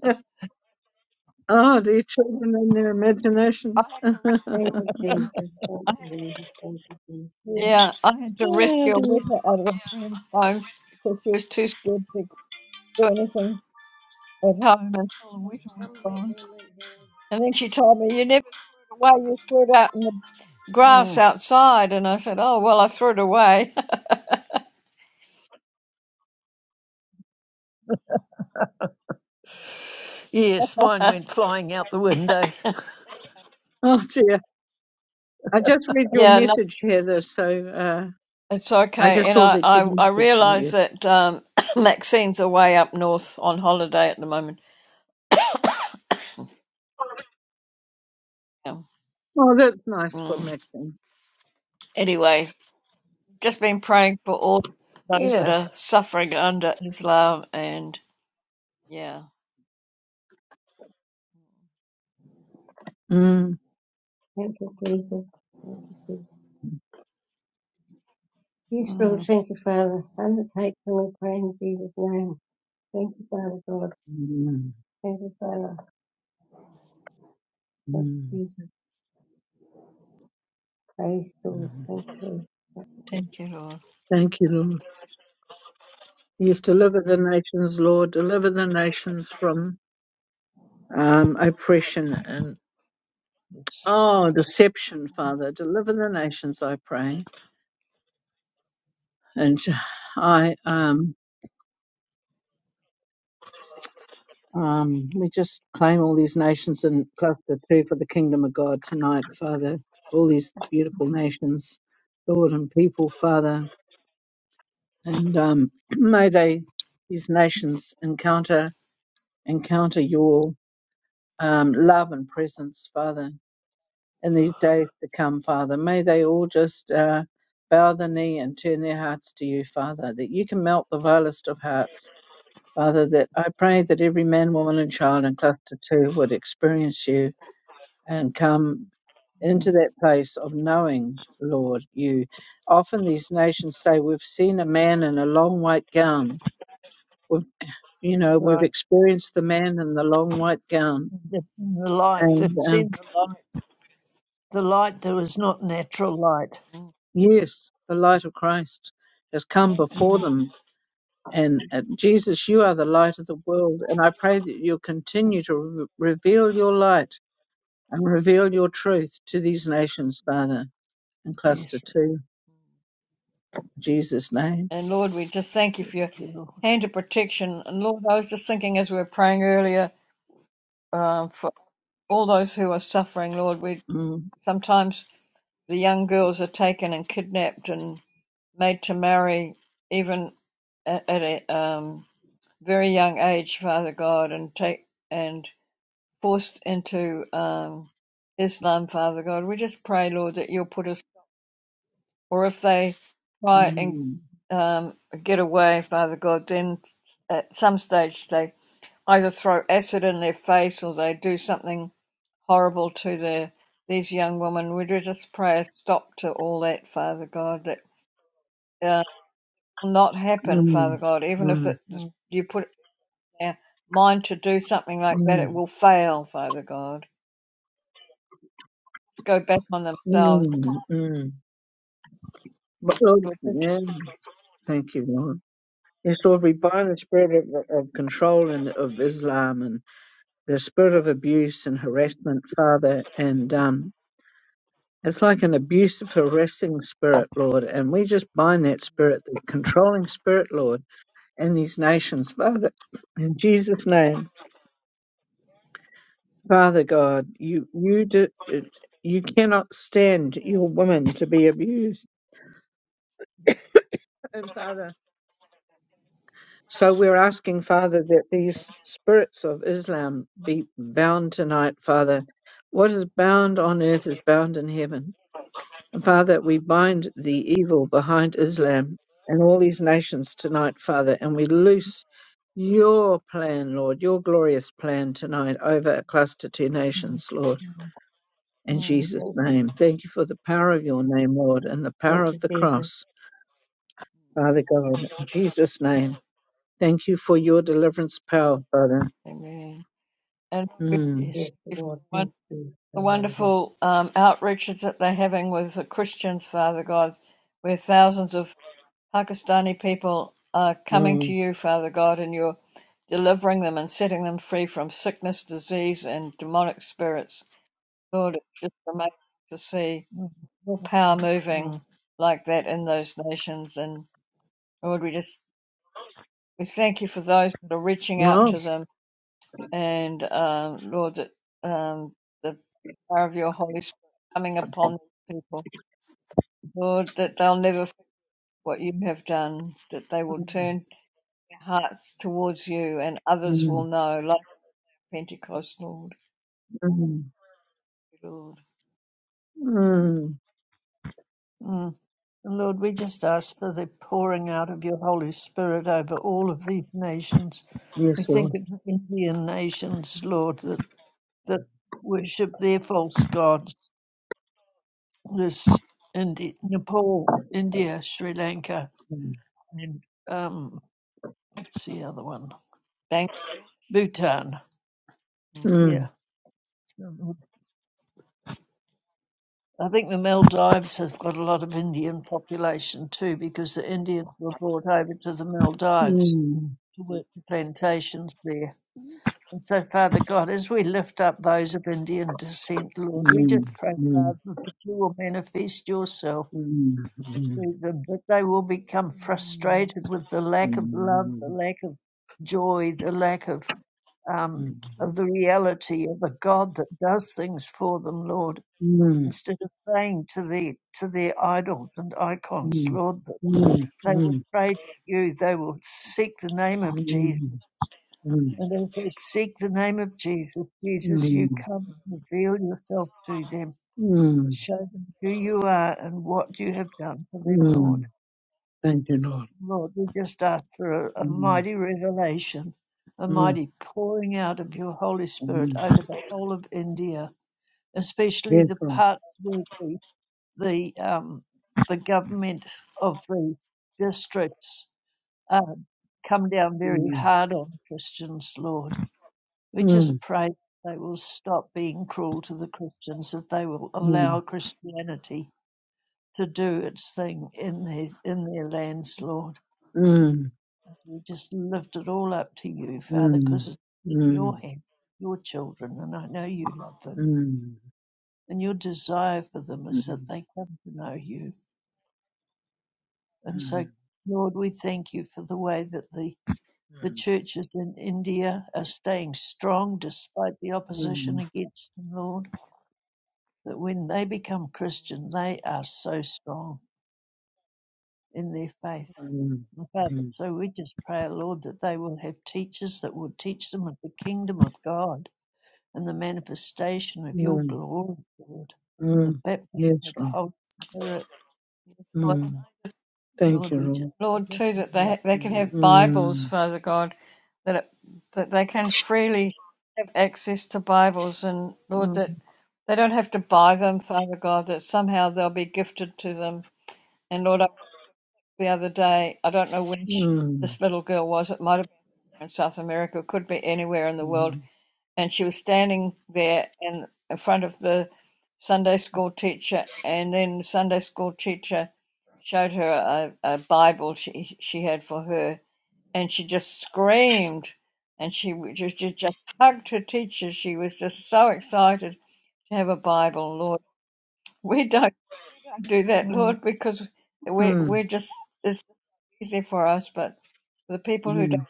[SPEAKER 4] (laughs) oh, dear children and their
[SPEAKER 2] I
[SPEAKER 4] imaginations.
[SPEAKER 2] had
[SPEAKER 4] (laughs)
[SPEAKER 2] to
[SPEAKER 4] oh,
[SPEAKER 2] rescue.
[SPEAKER 1] Thank you, Jesus.
[SPEAKER 2] I
[SPEAKER 1] Thank
[SPEAKER 2] had
[SPEAKER 1] you,
[SPEAKER 2] to,
[SPEAKER 1] Jesus. Thank you, Jesus.
[SPEAKER 3] Yeah,
[SPEAKER 2] yeah, I had to
[SPEAKER 3] yeah,
[SPEAKER 2] rescue her
[SPEAKER 1] Thank
[SPEAKER 3] dear.
[SPEAKER 2] with
[SPEAKER 1] you,
[SPEAKER 2] out of a friend's home because she was too scared to do anything at home until the
[SPEAKER 1] Lord.
[SPEAKER 2] winter was
[SPEAKER 1] Come
[SPEAKER 2] gone.
[SPEAKER 1] back and lay down.
[SPEAKER 2] And then she told me, You never threw it away, you threw it out in the grass
[SPEAKER 3] Mm.
[SPEAKER 2] outside. And I said, Oh, well, I threw it away.
[SPEAKER 3] Yes,
[SPEAKER 2] (laughs)
[SPEAKER 3] mine went flying out the window.
[SPEAKER 4] dear. I just read your
[SPEAKER 2] yeah, no,
[SPEAKER 4] message, Heather, so uh,
[SPEAKER 2] it's
[SPEAKER 4] I
[SPEAKER 2] okay.
[SPEAKER 4] just
[SPEAKER 2] And
[SPEAKER 4] saw
[SPEAKER 2] I,
[SPEAKER 4] that
[SPEAKER 2] I, I
[SPEAKER 4] you'd messaged me,
[SPEAKER 2] realised
[SPEAKER 4] yes.
[SPEAKER 2] that um, (coughs) Maxine's away up north on holiday at the moment. Yeah.
[SPEAKER 4] Oh, that's nice for
[SPEAKER 2] Mm.
[SPEAKER 4] Maxine.
[SPEAKER 2] Anyway, just been praying for all those that
[SPEAKER 3] Yeah,
[SPEAKER 2] are suffering under Islam. And yeah,
[SPEAKER 4] Mm.
[SPEAKER 1] Thank you, Jesus. Thank you, Jesus. Yes, Lord,
[SPEAKER 3] mm.
[SPEAKER 1] thank you, Father. Undertake them, we pray in Jesus' name. Thank you, Father God.
[SPEAKER 4] Mm.
[SPEAKER 1] Thank you, Father. Thank you,
[SPEAKER 4] Mm.
[SPEAKER 1] Jesus. Praise the Lord.
[SPEAKER 4] Mm.
[SPEAKER 1] Thank you. Thank you.
[SPEAKER 2] thank you, Lord.
[SPEAKER 4] Thank you, Lord. Yes, deliver the nations, Lord. Deliver the nations from um, oppression and,
[SPEAKER 3] It's,
[SPEAKER 4] oh, deception, Father. Deliver the nations, I pray. And I um um we just claim all these nations in cluster two for the kingdom of God tonight, Father. All these beautiful nations, Lord and people, Father, and um (clears throat) may they these nations encounter encounter your um love and presence, Father, in these days to come, Father. May they all just uh bow the knee and turn their hearts to you, Father, that you can melt the vilest of hearts Father, that I pray that every man, woman, and child in cluster two would experience you and come
[SPEAKER 3] mm.
[SPEAKER 4] into that place of knowing, Lord, you. Often these nations say, We've seen a man in a long white gown. We've, you
[SPEAKER 3] that's
[SPEAKER 4] know, we've
[SPEAKER 3] right.
[SPEAKER 4] experienced the man in the long white gown.
[SPEAKER 3] The, the light,
[SPEAKER 4] And
[SPEAKER 3] it's
[SPEAKER 4] um,
[SPEAKER 3] in the light, the light that was not natural light.
[SPEAKER 2] Mm.
[SPEAKER 4] yes, the light of Christ has come before
[SPEAKER 3] Mm.
[SPEAKER 4] them. And uh, Jesus, you are the light of the world. And I pray that you'll continue to re- reveal your light and reveal your truth to these nations, Father. And cluster
[SPEAKER 3] Yes.
[SPEAKER 4] two, in Jesus' name.
[SPEAKER 2] And Lord, we just thank you
[SPEAKER 3] Thank
[SPEAKER 2] for your
[SPEAKER 3] you, Lord.
[SPEAKER 2] hand of protection. And Lord, I was just thinking as we were praying earlier. all those who are suffering, Lord. We
[SPEAKER 4] Mm,
[SPEAKER 2] sometimes the young girls are taken and kidnapped and made to marry even at, at a um, very young age, Father God, and take and forced into um, Islam, Father God. We just pray, Lord, that you'll put us, or if they try
[SPEAKER 3] Mm,
[SPEAKER 2] and
[SPEAKER 4] mm,
[SPEAKER 2] um, get away, Father God, then at some stage they either throw acid in their face or they do something horrible to the these young women. We do just pray a stop to all that, Father God. That uh, will not happen, Father
[SPEAKER 4] mm,
[SPEAKER 2] God. Even if
[SPEAKER 4] mm,
[SPEAKER 2] it,
[SPEAKER 3] mm,
[SPEAKER 2] you put it in their mind to do something like that,
[SPEAKER 4] mm,
[SPEAKER 2] it will fail, Father God. Let's go back on themselves.
[SPEAKER 4] mm, mm. But, Lord,
[SPEAKER 2] Lord.
[SPEAKER 4] yeah. Thank you, Lord. Yes, Lord, we bind the spirit of, of control and of Islam and the spirit of abuse and harassment, Father. And um, it's like an abusive, harassing spirit, Lord. And we just bind that spirit, the controlling spirit, Lord. and these nations, Father, in Jesus' name, Father God, you you do, you cannot stand
[SPEAKER 2] Yeah.
[SPEAKER 4] your women to be abused, and Father. So we're asking, Father, that these spirits of Islam be bound tonight, Father. What is bound on earth is bound in heaven. Father, we bind the evil behind Islam and all these nations tonight, Father, and we loose your plan, Lord, your glorious plan tonight over Cluster Two
[SPEAKER 3] mm,
[SPEAKER 4] Nations, Lord,
[SPEAKER 3] mm,
[SPEAKER 4] in
[SPEAKER 3] mm.
[SPEAKER 4] Jesus'
[SPEAKER 1] Thank you.
[SPEAKER 4] name. Thank you for the power of your name, Lord, and the power
[SPEAKER 1] Thank you,
[SPEAKER 4] of the
[SPEAKER 1] Jesus.
[SPEAKER 4] cross, Father God, in Jesus' name. Thank you for your deliverance power, Father.
[SPEAKER 2] Amen. And we thank
[SPEAKER 4] Mm,
[SPEAKER 3] Yes.
[SPEAKER 1] Thank you,
[SPEAKER 2] you for the
[SPEAKER 1] Lord. Thank you, Jesus. Father God.
[SPEAKER 2] wonderful um, outreaches that they're having with the Christians, Father God, where thousands of Pakistani people are coming to
[SPEAKER 4] mm,
[SPEAKER 2] you, Father God, and you're delivering them and setting them free from sickness, disease, and demonic spirits. Lord, it's just amazing to see
[SPEAKER 3] Mm,
[SPEAKER 2] your
[SPEAKER 3] mm,
[SPEAKER 2] power moving
[SPEAKER 3] mm,
[SPEAKER 2] like that in those nations. And Lord, we just we thank you for those that are reaching out to
[SPEAKER 4] well,
[SPEAKER 3] Yes.
[SPEAKER 2] them, and um, Lord, that um, the power of your Holy Spirit coming upon people. Lord, that they'll never forget what you have done, that they will
[SPEAKER 4] mm,
[SPEAKER 2] turn hearts towards you, and others will
[SPEAKER 4] mm,
[SPEAKER 2] know, like the Pentecost, Lord.
[SPEAKER 4] mm,
[SPEAKER 2] Lord.
[SPEAKER 4] mm.
[SPEAKER 3] Mm. And Lord, we just ask for the pouring out of your Holy Spirit over all of these nations.
[SPEAKER 4] yes,
[SPEAKER 3] We think
[SPEAKER 4] Lord.
[SPEAKER 3] of the Indian nations, Lord, that, that worship their false gods. This Indi- Nepal, India, Sri Lanka,
[SPEAKER 4] Mm,
[SPEAKER 3] and um, what's the other one?
[SPEAKER 2] Thank
[SPEAKER 3] Bhutan.
[SPEAKER 2] you,
[SPEAKER 4] mm.
[SPEAKER 3] Yeah. I think the Maldives have got a lot of Indian population too, because the Indians were brought over to the Maldives
[SPEAKER 4] mm.
[SPEAKER 3] to work the plantations there. And so, Father God, as we lift up those of Indian descent, Lord, we just
[SPEAKER 4] Mm,
[SPEAKER 3] pray,
[SPEAKER 4] mm,
[SPEAKER 3] Father, that you will manifest yourself
[SPEAKER 4] mm, mm,
[SPEAKER 3] to them, that they will become frustrated with the
[SPEAKER 4] mm,
[SPEAKER 3] lack of love, the
[SPEAKER 4] mm,
[SPEAKER 3] lack of joy, the lack of um,
[SPEAKER 4] mm,
[SPEAKER 3] of the reality of a God that does things for them, Lord instead of praying to the to their idols and
[SPEAKER 4] mm,
[SPEAKER 3] icons,
[SPEAKER 4] mm,
[SPEAKER 3] Lord, that
[SPEAKER 4] mm,
[SPEAKER 3] they will pray to you. They will seek the name of Jesus.
[SPEAKER 4] mm,
[SPEAKER 3] And as they seek the name of Jesus, Jesus, you
[SPEAKER 4] mm,
[SPEAKER 3] come and reveal yourself to them.
[SPEAKER 4] mm, mm,
[SPEAKER 3] Show them who you are and what you have done for them, Lord.
[SPEAKER 4] mm. Thank you, Lord.
[SPEAKER 3] Lord, we just ask for a, a
[SPEAKER 4] Mm,
[SPEAKER 3] mighty revelation, a
[SPEAKER 4] mm,
[SPEAKER 3] mighty pouring out of your Holy Spirit
[SPEAKER 4] mm.
[SPEAKER 3] over the whole of India, especially the
[SPEAKER 4] Grateful.
[SPEAKER 3] parts where we the um, the government of the districts uh, come down very
[SPEAKER 4] Mm,
[SPEAKER 3] hard on Christians, Lord. We
[SPEAKER 4] mm,
[SPEAKER 3] just pray they will stop being cruel to the Christians, that they will
[SPEAKER 4] mm,
[SPEAKER 3] allow Christianity to do its thing in their in their lands, Lord.
[SPEAKER 4] mm,
[SPEAKER 3] We just lift it all up to you, Father,
[SPEAKER 4] mm,
[SPEAKER 3] because it's in
[SPEAKER 4] mm,
[SPEAKER 3] your hand, your children, and I know you love
[SPEAKER 4] mm,
[SPEAKER 3] them.
[SPEAKER 4] mm,
[SPEAKER 3] And your desire for them
[SPEAKER 4] mm, mm,
[SPEAKER 3] is that they come to know you. And so, Lord, we thank you for the way that the, the churches in India are staying strong despite the opposition against them, Lord. That when they become Christian, they are so strong in their faith.
[SPEAKER 4] mm,
[SPEAKER 3] And Father,
[SPEAKER 4] mm,
[SPEAKER 3] so we just pray, Lord, that they will have teachers that will teach them of the kingdom of God and the manifestation of your
[SPEAKER 4] mm,
[SPEAKER 3] glory, Lord, and
[SPEAKER 4] mm.
[SPEAKER 3] the baptism
[SPEAKER 4] Yes,
[SPEAKER 3] of the
[SPEAKER 4] Lord.
[SPEAKER 3] Holy Spirit.
[SPEAKER 2] Lord,
[SPEAKER 4] Mm. Thank
[SPEAKER 3] Lord, we just
[SPEAKER 4] you,
[SPEAKER 2] Lord,
[SPEAKER 3] lift
[SPEAKER 2] too,
[SPEAKER 3] them
[SPEAKER 2] that they,
[SPEAKER 3] all up
[SPEAKER 2] ha- they
[SPEAKER 3] to
[SPEAKER 2] can
[SPEAKER 3] you.
[SPEAKER 2] have Bibles,
[SPEAKER 4] Lord.
[SPEAKER 2] Father God, that, it, that they can freely have access to Bibles, and Lord,
[SPEAKER 3] Mm,
[SPEAKER 2] that they don't have to buy them, Father God, that somehow they'll be gifted to them. And Lord, I, the other day, I don't know which
[SPEAKER 4] Mm,
[SPEAKER 2] this little girl was, it might have been somewhere in South America, could be anywhere in the world,
[SPEAKER 4] mm,
[SPEAKER 2] and she was standing there in, in front of the Sunday school teacher, and then the Sunday school teacher showed her a, a Bible she she had for her, and she just screamed, and she w- just, just just hugged her teacher. She was just so excited to have a Bible, Lord. We don't do that,
[SPEAKER 3] mm,
[SPEAKER 2] Lord, because we
[SPEAKER 4] mm,
[SPEAKER 2] we're just it's easy for us, but for the people who don't.
[SPEAKER 4] mm,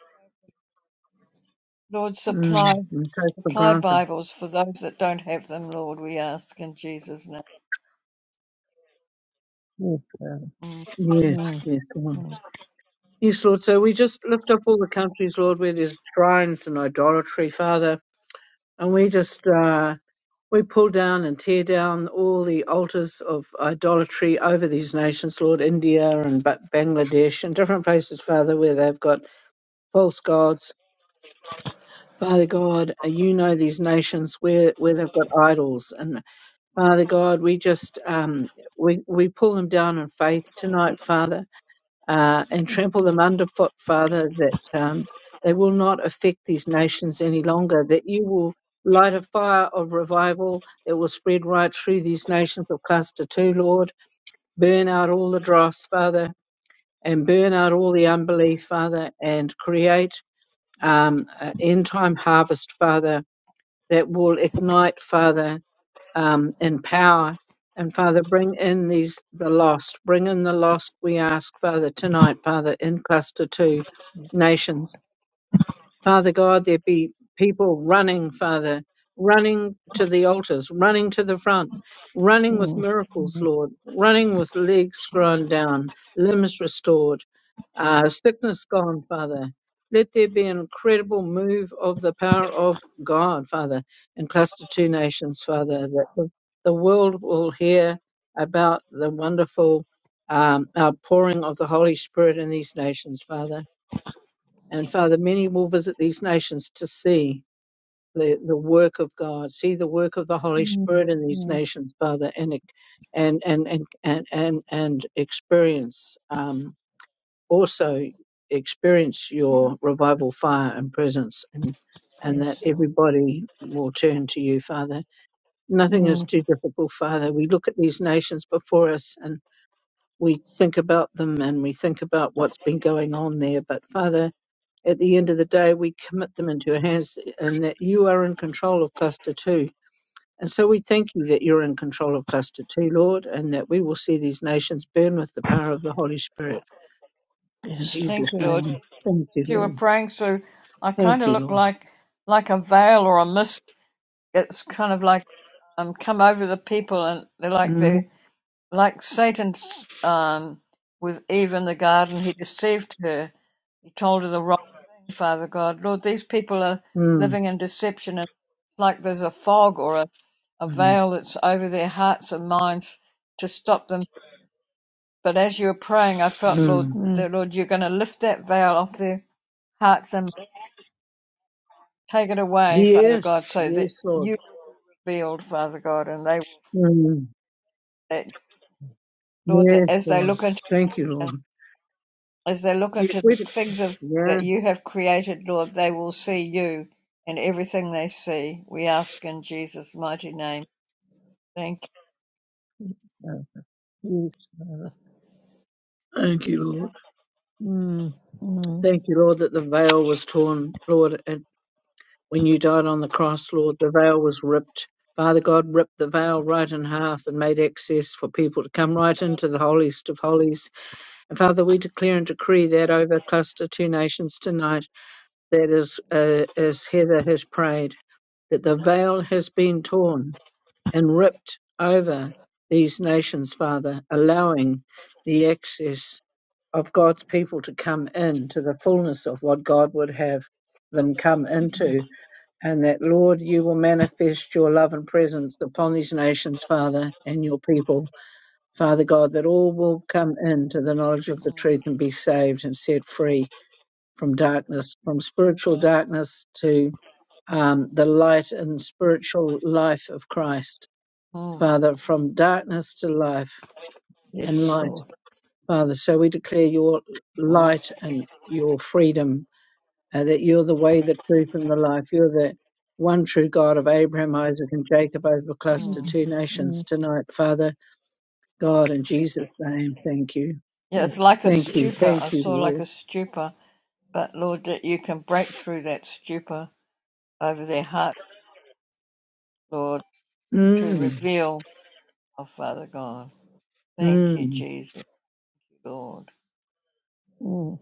[SPEAKER 2] Lord, supply
[SPEAKER 4] mm. We take for
[SPEAKER 2] supply
[SPEAKER 4] granted.
[SPEAKER 2] Bibles for those that don't have them, Lord, we ask in Jesus' name.
[SPEAKER 3] yes, Father.
[SPEAKER 2] Mm,
[SPEAKER 4] Yes,
[SPEAKER 3] Mm,
[SPEAKER 4] yes, come on.
[SPEAKER 3] mm,
[SPEAKER 4] Yes, Lord. So we just lift up all the countries, Lord, where there's shrines and idolatry, Father, and we just uh, we pull down and tear down all the altars of idolatry over these nations, Lord, India and Ba- Bangladesh and different places, Father, where they've got false gods. Father God, uh, you know these nations where, where they've got idols and. Father God, we just um, we we pull them down in faith tonight, Father, uh, and trample them underfoot, Father, that um, they will not affect these nations any longer. That you will light a fire of revival that will spread right through these nations of cluster two, Lord. Burn out all the dross, Father, and burn out all the unbelief, Father, and create um, an end time harvest, Father, that will ignite, Father um, in power. And Father, bring in these the lost. Bring in the lost. We ask Father tonight, Father, in cluster two
[SPEAKER 3] yes,
[SPEAKER 4] nations. Father God, there be people running, Father, running to the altars, running to the front, running with
[SPEAKER 3] Lord. Mm,
[SPEAKER 4] miracles,
[SPEAKER 3] mm,
[SPEAKER 4] Lord, running with legs
[SPEAKER 2] mm.
[SPEAKER 4] grown down, limbs restored, uh, sickness gone, Father. Let there be an incredible move of the power of God, Father, in Cluster Two Nations, Father, that the the world will hear about the wonderful um, outpouring of the Holy Spirit in these nations, Father. And Father, many will visit these nations to see the, the work of God, see the work of the Holy
[SPEAKER 3] mm,
[SPEAKER 4] Spirit in these
[SPEAKER 3] mm,
[SPEAKER 4] nations, Father, and ex- and and and and and, and experience um, also experience your revival fire and presence and and that
[SPEAKER 3] yes, Lord.
[SPEAKER 4] everybody will turn to you, Father. Nothing is
[SPEAKER 3] Mm,
[SPEAKER 4] too difficult, Father. We look at these nations before us and we think about them and we think about what's been going on there. But Father, at the end of the day, we commit them into your hands and that you are in control of cluster two. And so we thank you that you're in control of cluster two, Lord, and that we will see these nations burn with the power of the Holy Spirit. In
[SPEAKER 3] yes, Lord.
[SPEAKER 4] Jesus'
[SPEAKER 2] Thank you, Lord.
[SPEAKER 4] name, thank you,
[SPEAKER 2] As you were
[SPEAKER 4] Lord.
[SPEAKER 2] praying through, I kind
[SPEAKER 4] Thank
[SPEAKER 2] of
[SPEAKER 4] you,
[SPEAKER 2] look
[SPEAKER 4] Lord.
[SPEAKER 2] like like a veil or a mist. It's kind of like um come over the people, and they're like
[SPEAKER 4] Mm,
[SPEAKER 2] they like Satan's um with Eve in the garden. He deceived her, told her the wrong thing, Father God. Lord, these people are
[SPEAKER 4] mm,
[SPEAKER 2] living in deception, and it's like there's a fog or a, a
[SPEAKER 4] mm,
[SPEAKER 2] veil that's over their hearts and minds to stop them. But as you were praying, I felt, Lord,
[SPEAKER 4] mm.
[SPEAKER 3] Mm,
[SPEAKER 2] that, Lord, you're going to lift that veil off their hearts and take it away, Father God,
[SPEAKER 4] Yes,
[SPEAKER 2] so that
[SPEAKER 4] yes, Lord.
[SPEAKER 2] you are revealed, Father God, and they
[SPEAKER 4] Mm,
[SPEAKER 2] that, Lord, that
[SPEAKER 4] yes,
[SPEAKER 2] as they
[SPEAKER 4] Lord.
[SPEAKER 2] look into
[SPEAKER 4] Thank you, Lord.
[SPEAKER 2] As they look
[SPEAKER 4] Yes,
[SPEAKER 2] into the
[SPEAKER 4] we do.
[SPEAKER 2] things of,
[SPEAKER 4] Yeah,
[SPEAKER 2] that you have created, Lord, they will see you in everything they see. We ask in Jesus' mighty name. Thank
[SPEAKER 3] uh, yes, Father.
[SPEAKER 4] thank you, Lord.
[SPEAKER 3] Mm, mm,
[SPEAKER 4] Thank you, Lord, that the veil was torn, Lord, When you died on the cross, Lord, the veil was ripped. Father God ripped the veil right in half and made access for people to come right into the holiest of holies. And Father, we declare and decree that over Cluster Two Nations tonight, that is, uh, as Heather has prayed, that the veil has been torn and ripped over these nations, Father, allowing the access of God's people to come into the fullness of what God would have them come
[SPEAKER 3] mm,
[SPEAKER 4] into and that, Lord, you will manifest your love and presence upon these nations, Father, and your people. Father God, that all will come into the knowledge of the
[SPEAKER 2] you.
[SPEAKER 4] truth and be saved and set free from darkness, from spiritual darkness to um, the light and spiritual life of Christ.
[SPEAKER 2] Mm, mm,
[SPEAKER 4] Father, from darkness to life and
[SPEAKER 3] yes,
[SPEAKER 4] light,
[SPEAKER 3] Lord.
[SPEAKER 4] Father. So we declare your
[SPEAKER 2] mm,
[SPEAKER 4] light and your freedom uh, that you're the way, the truth, and the life. You're the one true God of Abraham, Isaac, and Jacob over cluster
[SPEAKER 2] mm.
[SPEAKER 3] Mm,
[SPEAKER 4] two nations
[SPEAKER 3] mm,
[SPEAKER 4] tonight, Father God, in Jesus' name. Thank you.
[SPEAKER 2] Yeah, it's
[SPEAKER 3] yes,
[SPEAKER 2] like a
[SPEAKER 3] thank
[SPEAKER 4] Thank
[SPEAKER 3] you,
[SPEAKER 4] you.
[SPEAKER 3] Lord.
[SPEAKER 2] stupor.
[SPEAKER 4] Thank
[SPEAKER 2] I
[SPEAKER 4] you,
[SPEAKER 2] saw like
[SPEAKER 4] Lord.
[SPEAKER 2] a stupor. But Lord, that you can break through that stupor over their heart, Lord, to
[SPEAKER 4] Mm,
[SPEAKER 2] reveal, oh Father God. Thank you,
[SPEAKER 4] mm,
[SPEAKER 2] Jesus, Lord.
[SPEAKER 3] Mm,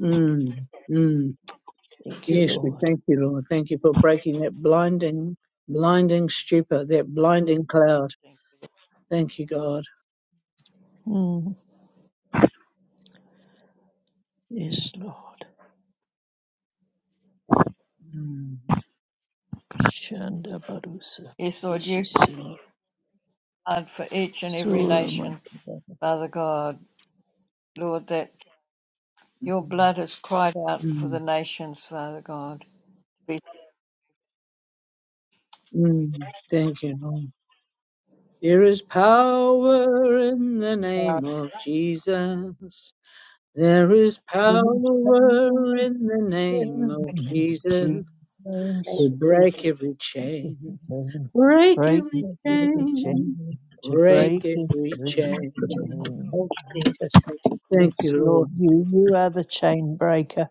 [SPEAKER 4] mm, mm.
[SPEAKER 3] thank you,
[SPEAKER 4] Yes, we
[SPEAKER 3] Lord.
[SPEAKER 4] thank you, Lord. Thank you for breaking that blinding, blinding stupor, that blinding cloud. Thank you, God.
[SPEAKER 3] Mm, yes, Lord.
[SPEAKER 4] Mm,
[SPEAKER 3] Shanda Barusa,
[SPEAKER 2] Yes, Lord, you
[SPEAKER 3] Ishishima,
[SPEAKER 2] provide for each and every
[SPEAKER 3] Sura
[SPEAKER 2] nation,
[SPEAKER 3] Makabata.
[SPEAKER 2] Father God. Lord, that Your
[SPEAKER 4] mm,
[SPEAKER 2] blood has cried out for the
[SPEAKER 4] mm,
[SPEAKER 2] nations, Father God, to be with
[SPEAKER 4] mm. Thank you, Lord. There is power in the
[SPEAKER 2] power.
[SPEAKER 4] name of Jesus. There is
[SPEAKER 3] There is power
[SPEAKER 4] power in the
[SPEAKER 3] in
[SPEAKER 4] name
[SPEAKER 3] the
[SPEAKER 4] of
[SPEAKER 3] name of
[SPEAKER 4] Jesus
[SPEAKER 3] Jesus.
[SPEAKER 1] Thank
[SPEAKER 4] to
[SPEAKER 1] you,
[SPEAKER 4] break
[SPEAKER 1] Jesus.
[SPEAKER 4] every chain, break
[SPEAKER 3] break
[SPEAKER 4] every
[SPEAKER 1] Thank you, Jesus.
[SPEAKER 3] the
[SPEAKER 1] Thank
[SPEAKER 3] chain,
[SPEAKER 4] chain,
[SPEAKER 1] you,
[SPEAKER 3] to
[SPEAKER 4] break
[SPEAKER 3] break it
[SPEAKER 4] every
[SPEAKER 3] the
[SPEAKER 4] chain.
[SPEAKER 1] Jesus.
[SPEAKER 3] chain.
[SPEAKER 1] Thank you, Jesus. Thank you, Jesus.
[SPEAKER 4] Thank
[SPEAKER 3] Yes,
[SPEAKER 4] you,
[SPEAKER 3] Lord,
[SPEAKER 4] Lord.
[SPEAKER 3] you, you are the chain breaker.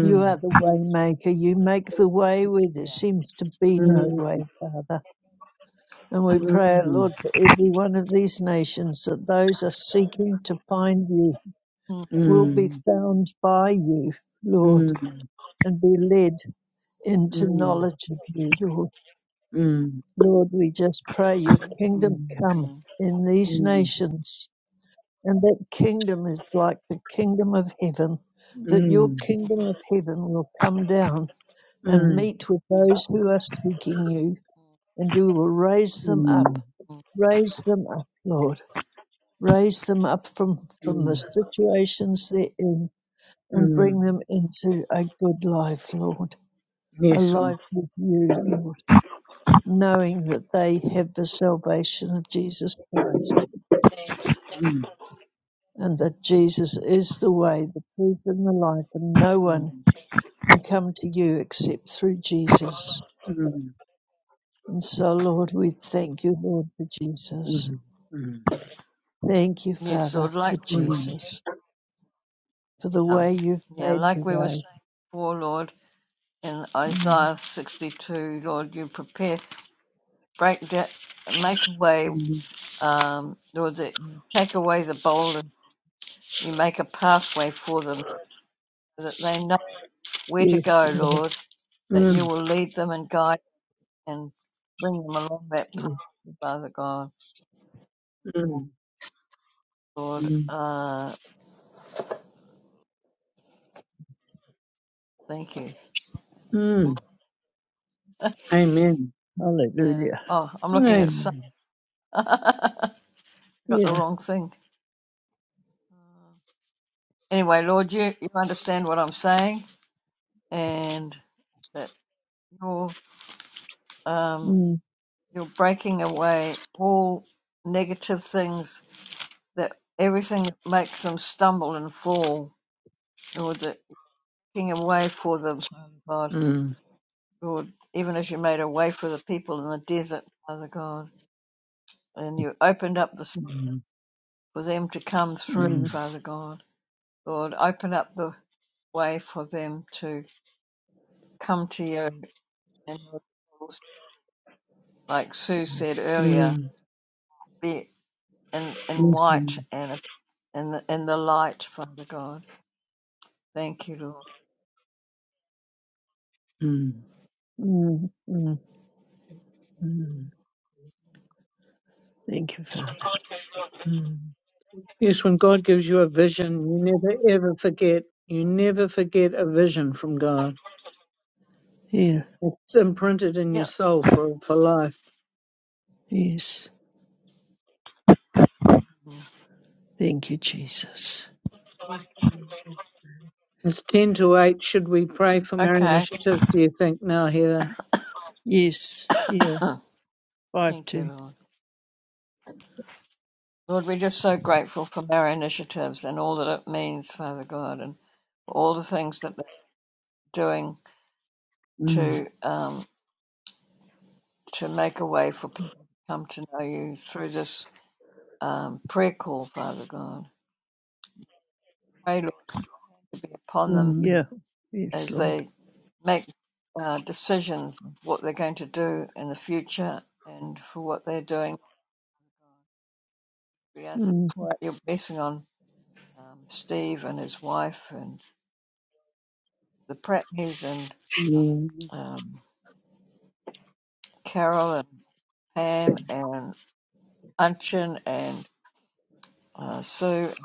[SPEAKER 3] You are the way maker. You make the way where there
[SPEAKER 2] Yeah.
[SPEAKER 3] seems to be no
[SPEAKER 4] mm,
[SPEAKER 3] way, Father. And we pray, oh
[SPEAKER 4] mm,
[SPEAKER 3] Lord, for every one of these nations that those are seeking to find you will be
[SPEAKER 4] mm,
[SPEAKER 3] found by you, Lord,
[SPEAKER 4] mm,
[SPEAKER 3] and be led into
[SPEAKER 4] mm,
[SPEAKER 3] knowledge of you, Lord.
[SPEAKER 4] mm,
[SPEAKER 3] Lord, we just pray your kingdom
[SPEAKER 4] mm,
[SPEAKER 3] come
[SPEAKER 2] Mhm.
[SPEAKER 3] in these
[SPEAKER 4] mm,
[SPEAKER 3] nations. And that kingdom is like the kingdom of heaven, that your
[SPEAKER 4] mm,
[SPEAKER 3] kingdom of heaven will come down and
[SPEAKER 4] mm,
[SPEAKER 3] meet with those who are seeking you, and you will raise them up.
[SPEAKER 4] mm,
[SPEAKER 3] Raise them up, Lord. Raise them up from, from the
[SPEAKER 4] mm.
[SPEAKER 3] situations they're in and
[SPEAKER 4] mm.
[SPEAKER 3] bring them into a good life, Lord. A
[SPEAKER 4] Yes, Lord.
[SPEAKER 3] life with you, Lord knowing that they have the salvation of Jesus Christ
[SPEAKER 4] Mm,
[SPEAKER 3] and that Jesus is the way, the truth, and the life, and no one
[SPEAKER 4] mm,
[SPEAKER 3] can come to you except through Jesus.
[SPEAKER 4] mm,
[SPEAKER 3] And so, Lord, we thank you, Lord, for Jesus.
[SPEAKER 4] mm, mm,
[SPEAKER 3] Thank you,
[SPEAKER 2] Yes,
[SPEAKER 3] Father,
[SPEAKER 2] Lord,
[SPEAKER 3] for
[SPEAKER 2] like
[SPEAKER 4] mm,
[SPEAKER 3] Jesus, for the
[SPEAKER 2] yeah.
[SPEAKER 3] way you've
[SPEAKER 2] Yeah,
[SPEAKER 3] made
[SPEAKER 2] like
[SPEAKER 3] the
[SPEAKER 2] we were
[SPEAKER 3] way.
[SPEAKER 2] saying before, Lord, in
[SPEAKER 3] Mm,
[SPEAKER 2] Isaiah sixty two, Lord, you prepare break da- make a way
[SPEAKER 4] mm,
[SPEAKER 2] um Lord that you take away the boulder, you make a pathway for them so that they know where to
[SPEAKER 3] yes,
[SPEAKER 2] go,
[SPEAKER 3] Lord.
[SPEAKER 2] Lord, that you
[SPEAKER 4] mm,
[SPEAKER 2] will lead them and guide and bring them along that path,
[SPEAKER 3] Mm,
[SPEAKER 2] Father God.
[SPEAKER 4] mm,
[SPEAKER 2] Lord,
[SPEAKER 4] mm,
[SPEAKER 2] uh. Thank you.
[SPEAKER 4] mm.
[SPEAKER 2] (laughs)
[SPEAKER 4] Amen.
[SPEAKER 2] Yeah.
[SPEAKER 3] Hallelujah.
[SPEAKER 2] Oh, I'm looking at some.
[SPEAKER 4] Amen.
[SPEAKER 2] (laughs) Got the
[SPEAKER 3] Yeah.
[SPEAKER 2] wrong thing. Anyway, Lord, you, you understand what I'm saying, and that you're um,
[SPEAKER 3] Mm,
[SPEAKER 2] you're breaking away all negative things that everything that makes them stumble and fall. Lord, that you're making a way for them, God.
[SPEAKER 4] Mm,
[SPEAKER 2] Lord, even as you made a way for the people in the desert, Father God, and you opened up the sea
[SPEAKER 4] mm,
[SPEAKER 2] for them to come through,
[SPEAKER 4] mm,
[SPEAKER 3] mm,
[SPEAKER 2] Father God. Lord, open up the way for them to come to you and like Sue said
[SPEAKER 3] yes.
[SPEAKER 2] earlier,
[SPEAKER 4] mm.
[SPEAKER 2] be in, in
[SPEAKER 4] Yes,
[SPEAKER 2] white
[SPEAKER 4] Lord.
[SPEAKER 2] and in the in the light, Father God. Thank you, Lord.
[SPEAKER 4] Mm,
[SPEAKER 3] Mm, mm.
[SPEAKER 4] mm,
[SPEAKER 3] Thank you, Father.
[SPEAKER 4] mm. Yes, when God gives you a vision, you never ever forget. You
[SPEAKER 2] No.
[SPEAKER 4] never forget a vision from God.
[SPEAKER 3] Yeah.
[SPEAKER 4] It's imprinted in your
[SPEAKER 2] Yep.
[SPEAKER 4] soul for, for life.
[SPEAKER 3] Yes. Thank you, Jesus.
[SPEAKER 1] Yes, Father. Thank you, Father.
[SPEAKER 4] It's 10 to 8. Should we pray for Mary
[SPEAKER 2] Okay.
[SPEAKER 4] Initiatives, do you think, now, Heather?
[SPEAKER 3] Yes,
[SPEAKER 2] (coughs)
[SPEAKER 3] yeah, five
[SPEAKER 2] Thank you,
[SPEAKER 3] two.
[SPEAKER 2] Lord. Lord, we're just so grateful for our initiatives and all that it means, Father God, and for all the things that they're doing
[SPEAKER 4] Mm,
[SPEAKER 2] to um, to make a way for people to come to know you through this um, prayer call, Father God. Pray, Lord, To be upon them
[SPEAKER 4] mm,
[SPEAKER 3] Yeah, yes,
[SPEAKER 2] as
[SPEAKER 3] Lord.
[SPEAKER 2] they make uh, decisions of what they're going to do in the future and for what they're doing. We ask
[SPEAKER 3] Mm,
[SPEAKER 2] what are blessing on um, Steve and his wife and the Pratneys and
[SPEAKER 4] mm,
[SPEAKER 2] um, Carol and Pam and Unchin and uh, Sue and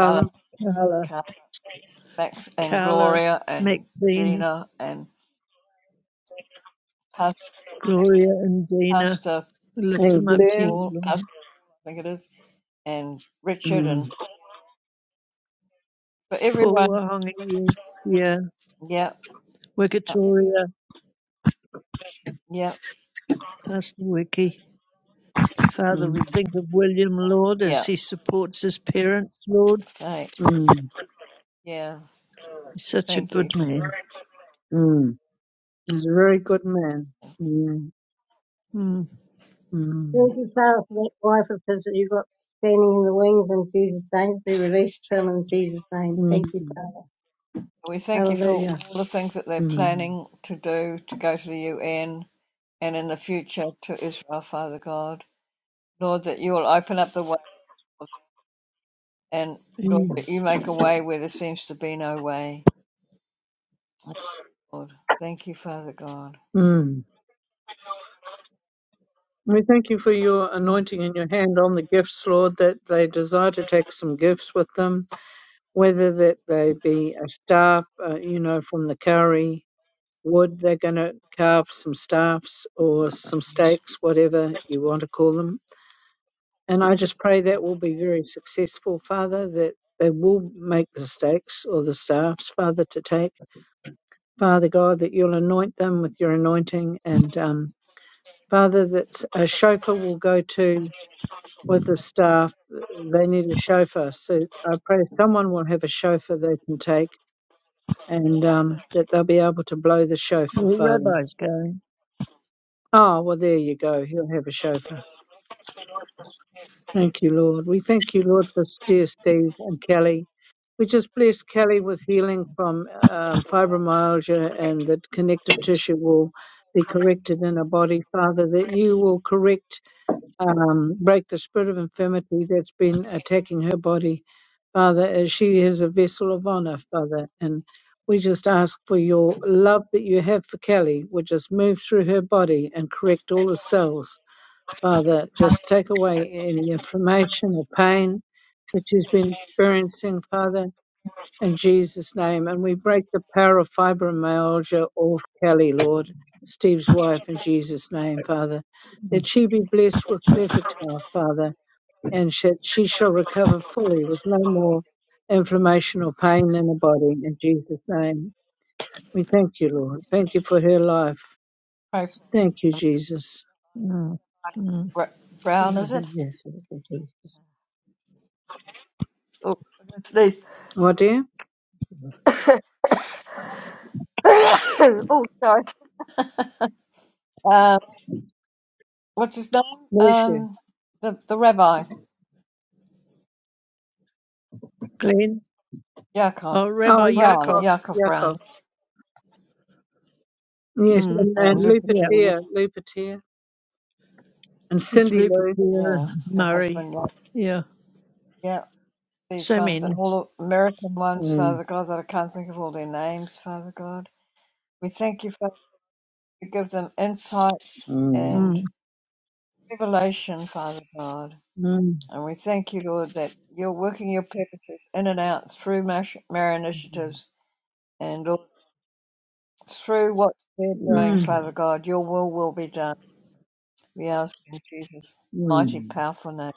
[SPEAKER 2] Carla,
[SPEAKER 3] Carla,
[SPEAKER 2] Carla, Max and
[SPEAKER 3] Carla,
[SPEAKER 2] Gloria and
[SPEAKER 3] Maxine,
[SPEAKER 2] Gina and Pas-
[SPEAKER 3] Gloria, and Dina,
[SPEAKER 2] Pastor
[SPEAKER 3] we lift
[SPEAKER 4] and
[SPEAKER 3] them up to
[SPEAKER 4] Glenn.
[SPEAKER 3] you,
[SPEAKER 2] Paul, Pastor
[SPEAKER 3] Lord.
[SPEAKER 2] I think it is, and Richard and
[SPEAKER 4] Mm,
[SPEAKER 2] for
[SPEAKER 3] Paul
[SPEAKER 2] everyone.
[SPEAKER 3] Wahonga, yes, yeah.
[SPEAKER 2] Yeah,
[SPEAKER 3] Wikitoria,
[SPEAKER 2] Yep,
[SPEAKER 3] Pastor Wiki. Father, we
[SPEAKER 4] mm,
[SPEAKER 3] think of William, Lord, as
[SPEAKER 2] yep.
[SPEAKER 3] he supports his parents, Lord.
[SPEAKER 2] Right.
[SPEAKER 4] mm,
[SPEAKER 2] Yeah.
[SPEAKER 3] He's such a
[SPEAKER 2] Thank you.
[SPEAKER 3] good man.
[SPEAKER 4] mm. He's a very good man. Mm,
[SPEAKER 3] Mm.
[SPEAKER 1] Thank
[SPEAKER 4] mm,
[SPEAKER 1] you, Father, for that wife of his that you've got standing in the wings in Jesus' name. Be released to him in Jesus' name. Thank
[SPEAKER 4] mm,
[SPEAKER 1] you, Father.
[SPEAKER 2] We thank you for
[SPEAKER 1] Hallelujah.
[SPEAKER 2] all the things that they're
[SPEAKER 4] mm,
[SPEAKER 2] planning to do to go to the UN and in the future to Israel, Father God. Lord, that you will open up the way and Lord,
[SPEAKER 4] mm,
[SPEAKER 2] that you make a way where there seems to be no way. Lord, thank you, Father God.
[SPEAKER 4] mm. We thank you for your anointing and your hand on the gifts, Lord, that they desire to take some gifts with them, whether that they be a staff, uh, you know, from the curry wood, they're going to carve some staffs or some stakes, whatever you want to call them And I just pray that will be very successful, Father, that they will make the stakes or the staffs, Father, to take. Father God, that you'll anoint them with your anointing. And um, Father, that a chauffeur will go to with the staff. They need a chauffeur. So I pray someone will have a chauffeur they can take and um, that they'll be able to blow the chauffeur,
[SPEAKER 3] Well,
[SPEAKER 4] Father.
[SPEAKER 3] Rabbi's going.
[SPEAKER 4] Oh, well, there you go. He'll have a chauffeur. Thank you, Lord. We thank you, Lord, for dear Steve and Kelly. We just bless Kelly with healing from um, fibromyalgia and that connective tissue will be corrected in her body, Father, that you will correct, um, break the spirit of infirmity that's been attacking her body, Father, as she is a vessel of honor, Father. And we just ask for your love that you have for Kelly, which just move through her body and correct all the cells Father, just take away any inflammation or pain that she's been experiencing, Father, in Jesus' name. And we break the power of fibromyalgia off Kelly, Lord, Steve's wife, in Jesus' name, Father.
[SPEAKER 3] Mm.
[SPEAKER 4] That she be blessed with perfect health, Father, and that she shall recover fully with no more inflammation or pain in her body, in Jesus' name. We thank you, Lord.
[SPEAKER 3] yes.
[SPEAKER 4] Thank you for her life.
[SPEAKER 2] Pray for
[SPEAKER 4] Thank you, Jesus.
[SPEAKER 3] Mm. Mm.
[SPEAKER 2] Br- Brown, is it?
[SPEAKER 1] Yes, Lord, thank you,
[SPEAKER 2] Oh, it's these.
[SPEAKER 4] What dear?
[SPEAKER 2] (coughs) oh, sorry. Uh, what's his name?
[SPEAKER 4] Bless you.
[SPEAKER 2] Um, the the rabbi,
[SPEAKER 3] Glenn.
[SPEAKER 2] Yaakov
[SPEAKER 3] Oh,
[SPEAKER 4] Oh,
[SPEAKER 3] Rabbi
[SPEAKER 2] Brown,
[SPEAKER 3] Yaakov.
[SPEAKER 4] Yaakov.
[SPEAKER 2] Yaakov
[SPEAKER 4] Yaakov.
[SPEAKER 2] Brown.
[SPEAKER 4] Yes,
[SPEAKER 3] Mm.
[SPEAKER 4] and,
[SPEAKER 2] and
[SPEAKER 4] and Lou
[SPEAKER 3] Yeah.
[SPEAKER 2] Lupita, yeah,
[SPEAKER 4] Patea, Lou Patea, and
[SPEAKER 3] It's
[SPEAKER 4] Cindy Lou.
[SPEAKER 3] Lupita
[SPEAKER 2] yeah, her
[SPEAKER 3] Murray.
[SPEAKER 2] husband, yeah,
[SPEAKER 3] Yeah,
[SPEAKER 2] yeah, these
[SPEAKER 3] so
[SPEAKER 2] ones and
[SPEAKER 3] many.
[SPEAKER 2] all the American ones,
[SPEAKER 4] Mm,
[SPEAKER 2] Father God, that I can't think of all their names, Father God. We thank you, Father, to give them insights
[SPEAKER 4] mm,
[SPEAKER 2] and
[SPEAKER 3] Mm.
[SPEAKER 2] revelation, Father God.
[SPEAKER 4] mm,
[SPEAKER 2] And we thank you, Lord, that you're working your purposes in and out through Mash- Mary initiatives and Lord, through what they're doing,
[SPEAKER 3] Yes,
[SPEAKER 4] mm,
[SPEAKER 2] Father
[SPEAKER 3] Lord.
[SPEAKER 2] God. Your will will be done. We ask in Jesus' mighty,
[SPEAKER 4] mm,
[SPEAKER 2] powerful name.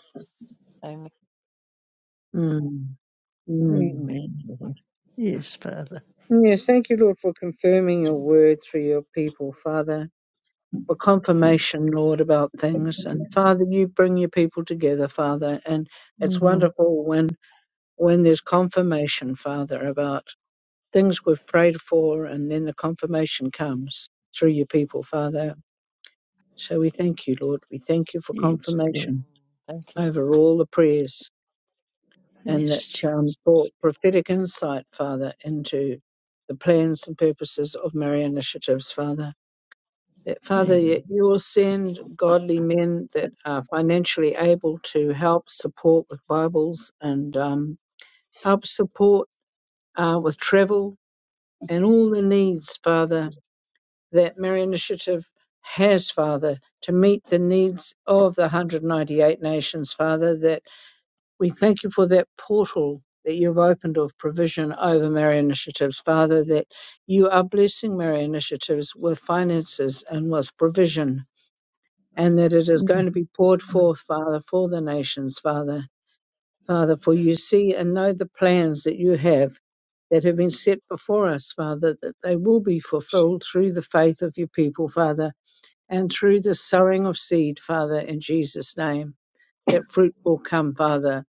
[SPEAKER 2] Amen.
[SPEAKER 4] mm, mm.
[SPEAKER 3] Amen, Lord. Yes, Father.
[SPEAKER 4] Yes, thank you, Lord, for confirming your
[SPEAKER 2] Mm.
[SPEAKER 4] word through your people, Father, for confirmation, Lord, about things. And Father, you bring your people together, Father, and it's
[SPEAKER 3] Mm.
[SPEAKER 4] wonderful when when there's confirmation, Father, about things we've prayed for, and then the confirmation comes through your people, Father. So we thank you, Lord. We thank you for
[SPEAKER 3] Yes, Lord.
[SPEAKER 4] confirmation
[SPEAKER 2] Thank you.
[SPEAKER 4] over all the prayers and that
[SPEAKER 3] Yes, Jesus.
[SPEAKER 4] um, brought prophetic insight, Father, into the plans and purposes of Mary Initiatives, Father. That, Father,
[SPEAKER 3] Amen.
[SPEAKER 4] yet you will send godly men that are financially able to help support with Bibles and um, help support uh, with travel and all the needs, Father, that Mary Initiative has, Father, to meet the needs of the 198 nations, Father, that we thank you for that portal that you've opened of provision over Mary Initiatives, Father, that you are blessing Mary Initiatives with finances and with provision, and that it is going
[SPEAKER 3] Mm.
[SPEAKER 4] to be poured forth, Father, for the nations, Father. Father, for you see and know the plans that you have that have been set before us, Father, that they will be fulfilled through the faith of your people, Father and through the sowing of seed, Father, in Jesus' name, that fruit will come, Father.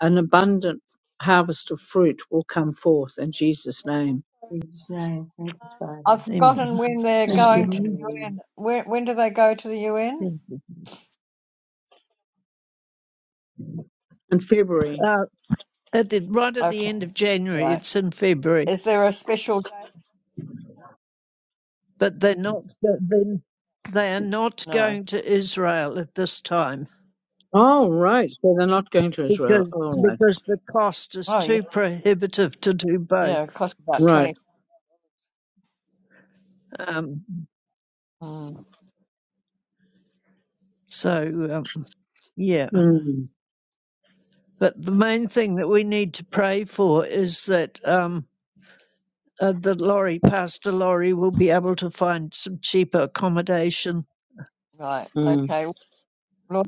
[SPEAKER 4] An abundant harvest of fruit will come forth in Jesus' name.
[SPEAKER 1] Jesus. name, Thank you, Father.
[SPEAKER 2] I've forgotten
[SPEAKER 3] Amen.
[SPEAKER 2] when they're
[SPEAKER 3] Yes,
[SPEAKER 4] Thank you,
[SPEAKER 1] Father,
[SPEAKER 2] going to
[SPEAKER 3] Lord.
[SPEAKER 4] Lord.
[SPEAKER 1] hallelujah.
[SPEAKER 2] UN. When when do they go to the UN?
[SPEAKER 3] Thank you.
[SPEAKER 4] In February.
[SPEAKER 3] Uh, at the, right at the
[SPEAKER 2] Okay,
[SPEAKER 3] end of
[SPEAKER 2] all
[SPEAKER 3] January,
[SPEAKER 2] right.
[SPEAKER 3] it's in February,
[SPEAKER 2] Is there a special day?
[SPEAKER 3] but they're not. but Then they are not
[SPEAKER 2] No.
[SPEAKER 3] going to Israel at this time
[SPEAKER 4] Oh, right. So they're not going to Israel.
[SPEAKER 3] because
[SPEAKER 4] All right.
[SPEAKER 3] because the cost is
[SPEAKER 2] Oh yeah,
[SPEAKER 3] too prohibitive to do
[SPEAKER 2] yeah. It
[SPEAKER 3] both.
[SPEAKER 2] costs about
[SPEAKER 4] Right.
[SPEAKER 2] twenty.
[SPEAKER 3] Um,
[SPEAKER 2] Mm,
[SPEAKER 3] So, um, yeah.
[SPEAKER 4] Mm,
[SPEAKER 3] But the main thing that we need to pray for is that um, uh, the lorry, Pastor Lorry, will be able to find some cheaper accommodation
[SPEAKER 2] right.
[SPEAKER 4] mm,
[SPEAKER 2] Okay. Lord,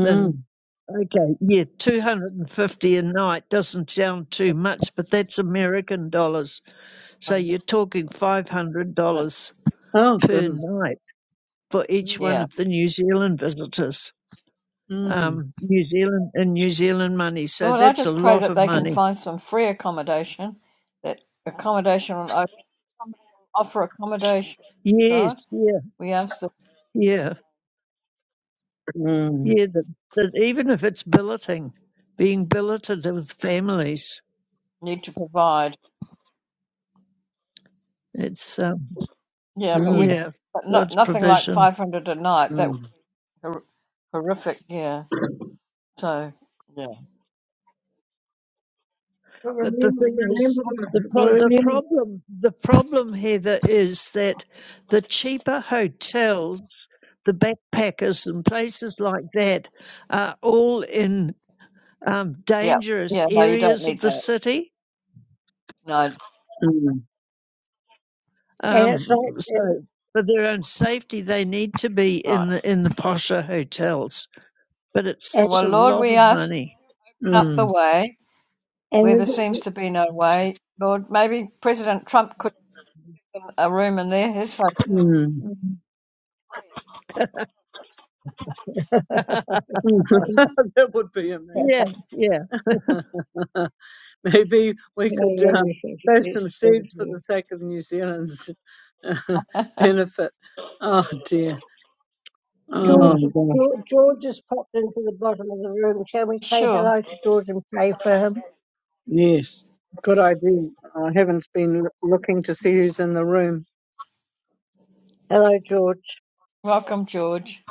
[SPEAKER 3] than. Okay, yeah, 250 a night doesn't sound too much, but that's American dollars. So you're talking
[SPEAKER 2] that's-
[SPEAKER 3] $500
[SPEAKER 4] Oh,
[SPEAKER 3] per
[SPEAKER 4] goodness.
[SPEAKER 3] night for each
[SPEAKER 4] Mm,
[SPEAKER 3] one
[SPEAKER 2] yeah.
[SPEAKER 3] of the New Zealand visitors.
[SPEAKER 4] mm,
[SPEAKER 3] Um, New Zealand and New Zealand money. So
[SPEAKER 2] Lord, I
[SPEAKER 3] that's a
[SPEAKER 2] just pray
[SPEAKER 3] lot
[SPEAKER 2] that
[SPEAKER 3] of
[SPEAKER 2] they can
[SPEAKER 3] money.
[SPEAKER 2] find some free accommodation. That accommodation will open, offer accommodation. God,
[SPEAKER 3] Yes, yeah,
[SPEAKER 2] we ask the
[SPEAKER 3] yeah.
[SPEAKER 4] mm,
[SPEAKER 3] Yeah, that, that even if it's billeting, being billeted with families,
[SPEAKER 2] need to provide.
[SPEAKER 3] it's um,
[SPEAKER 2] Yeah, but we
[SPEAKER 4] mm,
[SPEAKER 2] don't.
[SPEAKER 3] yeah,
[SPEAKER 2] But not
[SPEAKER 3] God's
[SPEAKER 2] nothing like
[SPEAKER 3] provision.
[SPEAKER 2] five hundred a night. That
[SPEAKER 4] mm,
[SPEAKER 2] would be hor- horrific. Yeah. So. yeah.
[SPEAKER 1] But
[SPEAKER 3] But the
[SPEAKER 1] remember,
[SPEAKER 3] thing is,
[SPEAKER 1] remember,
[SPEAKER 3] the
[SPEAKER 1] well,
[SPEAKER 3] pro- the
[SPEAKER 1] remember,
[SPEAKER 3] problem the problem Heather is that the cheaper hotels, the backpackers and places like that are all in um,
[SPEAKER 2] Yeah,
[SPEAKER 3] dangerous
[SPEAKER 2] yeah, no, you don't
[SPEAKER 3] areas
[SPEAKER 2] need
[SPEAKER 3] of the
[SPEAKER 2] that.
[SPEAKER 3] city.
[SPEAKER 2] No,
[SPEAKER 1] and it's
[SPEAKER 3] Um,
[SPEAKER 1] like, and,
[SPEAKER 3] so for their own safety, they need to be in
[SPEAKER 2] right.
[SPEAKER 3] the in the posher hotels but it's
[SPEAKER 1] and,
[SPEAKER 3] such
[SPEAKER 2] Well,
[SPEAKER 3] a
[SPEAKER 2] Lord,
[SPEAKER 3] lot
[SPEAKER 2] we
[SPEAKER 3] of
[SPEAKER 2] ask,
[SPEAKER 3] money.
[SPEAKER 2] open up the
[SPEAKER 4] mm,
[SPEAKER 2] way where there
[SPEAKER 1] and
[SPEAKER 2] seems
[SPEAKER 1] the-
[SPEAKER 2] to be no way. Lord, maybe President Trump could give them a room in there, his hotel.
[SPEAKER 4] mm,
[SPEAKER 3] Mm. (laughs)
[SPEAKER 4] mm. (laughs) that would be
[SPEAKER 3] yeah,
[SPEAKER 4] amazing.
[SPEAKER 3] yeah.
[SPEAKER 4] (laughs) Maybe we could um,
[SPEAKER 1] Hallelujah, thank you,
[SPEAKER 4] sow some
[SPEAKER 1] Jesus, thank
[SPEAKER 4] seeds for
[SPEAKER 1] you.
[SPEAKER 4] the sake of New Zealand's uh,
[SPEAKER 2] (laughs)
[SPEAKER 4] (laughs) benefit. Oh dear.
[SPEAKER 1] George,
[SPEAKER 4] Oh
[SPEAKER 3] Mm.
[SPEAKER 4] gosh.
[SPEAKER 1] George, George has popped into the bottom of the room. Shall we say
[SPEAKER 2] sure.
[SPEAKER 1] hello to George and pray for him?
[SPEAKER 4] Yes. Good idea. I haven't been l- looking to see who's in the room.
[SPEAKER 1] Hello, George.
[SPEAKER 2] Welcome, George.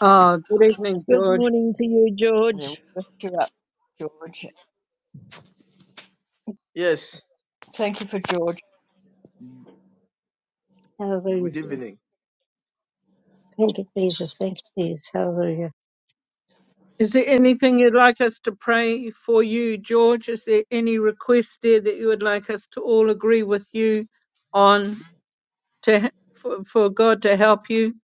[SPEAKER 4] Ah, good evening,
[SPEAKER 3] Good
[SPEAKER 4] George.
[SPEAKER 3] morning to you,
[SPEAKER 2] Yeah, we
[SPEAKER 3] George.
[SPEAKER 2] lift you up, George.
[SPEAKER 5] Yes.
[SPEAKER 2] Thank you for George.
[SPEAKER 1] Hallelujah.
[SPEAKER 5] Good evening.
[SPEAKER 1] Thank you, Jesus. Thank you, Jesus. Hallelujah.
[SPEAKER 4] Is there anything you'd like us to pray for you, George? Is there any request there that you would like us to all agree with you on to he- for, for God to help you?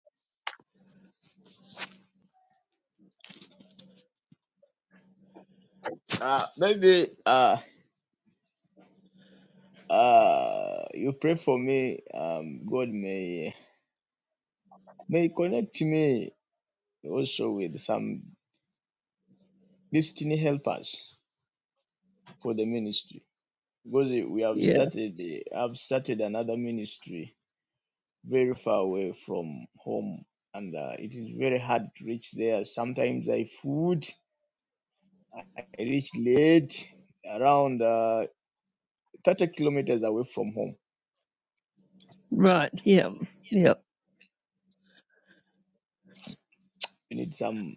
[SPEAKER 5] Uh, maybe uh, uh, you pray for me. Um, God may may connect me also with some destiny helpers for the ministry because we have
[SPEAKER 3] Yeah,
[SPEAKER 5] started have started another ministry very far away from home and uh, it is very hard to reach there. Sometimes I food I reach late around uh, 30 kilometers away from home.
[SPEAKER 3] right. Yeah, yeah.
[SPEAKER 5] We need some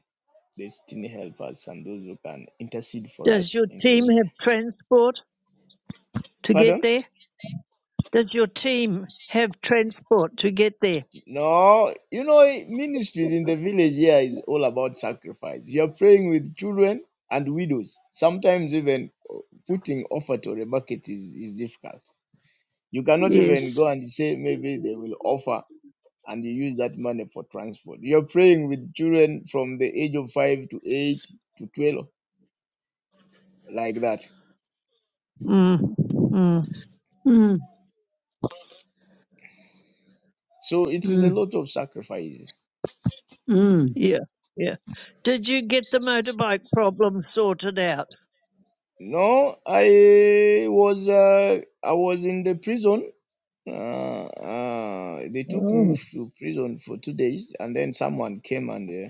[SPEAKER 5] destiny help us and those who can intercede for
[SPEAKER 3] Does
[SPEAKER 5] us
[SPEAKER 3] your
[SPEAKER 5] in the in-
[SPEAKER 3] team have transport to get
[SPEAKER 5] pardon
[SPEAKER 3] there? Does your team have transport to get there?
[SPEAKER 5] no you know ministries in the village here is all about sacrifice you're praying with children and widows sometimes even oh, putting offer to the bucket is, is difficult you cannot even
[SPEAKER 3] Yes.
[SPEAKER 5] go and say maybe they will offer and you use that money for transport you're praying with children from the age of 5 to 8 to 12 like that
[SPEAKER 3] Mm. Mm.
[SPEAKER 4] Mm,
[SPEAKER 5] so it is a
[SPEAKER 4] mm,
[SPEAKER 5] lot of sacrifice.
[SPEAKER 4] mm,
[SPEAKER 3] Yeah, yeah. Did you get the motorbike problem sorted out?
[SPEAKER 5] No, I was uh, I was in the prison. Uh, uh, they took me
[SPEAKER 3] Oh,
[SPEAKER 5] to prison for two days, and then someone came and uh,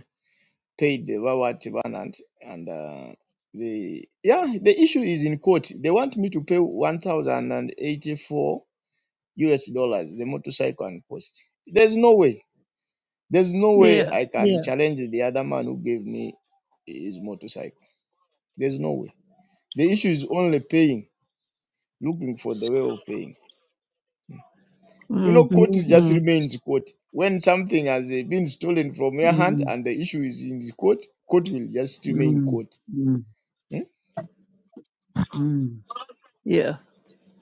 [SPEAKER 5] paid the Wawa Tibanant, and uh, the yeah, the issue is in court. They want me to pay one thousand and eighty-four US dollars the motorcycle and post. There's no way. There's no way
[SPEAKER 3] yeah,
[SPEAKER 5] I can
[SPEAKER 3] yeah.
[SPEAKER 5] challenge the other man who gave me his motorcycle. There's no way. The issue is only paying. looking for the way of paying. You know,
[SPEAKER 3] Mm.
[SPEAKER 5] court
[SPEAKER 4] mm,
[SPEAKER 5] just
[SPEAKER 3] Mm.
[SPEAKER 5] remains court. When something has eh, been stolen from your
[SPEAKER 4] mm.
[SPEAKER 5] hand and the issue is in the court, court will just remain
[SPEAKER 4] Mm,
[SPEAKER 5] court.
[SPEAKER 4] mm,
[SPEAKER 5] Hmm?
[SPEAKER 4] mm.
[SPEAKER 3] Yeah,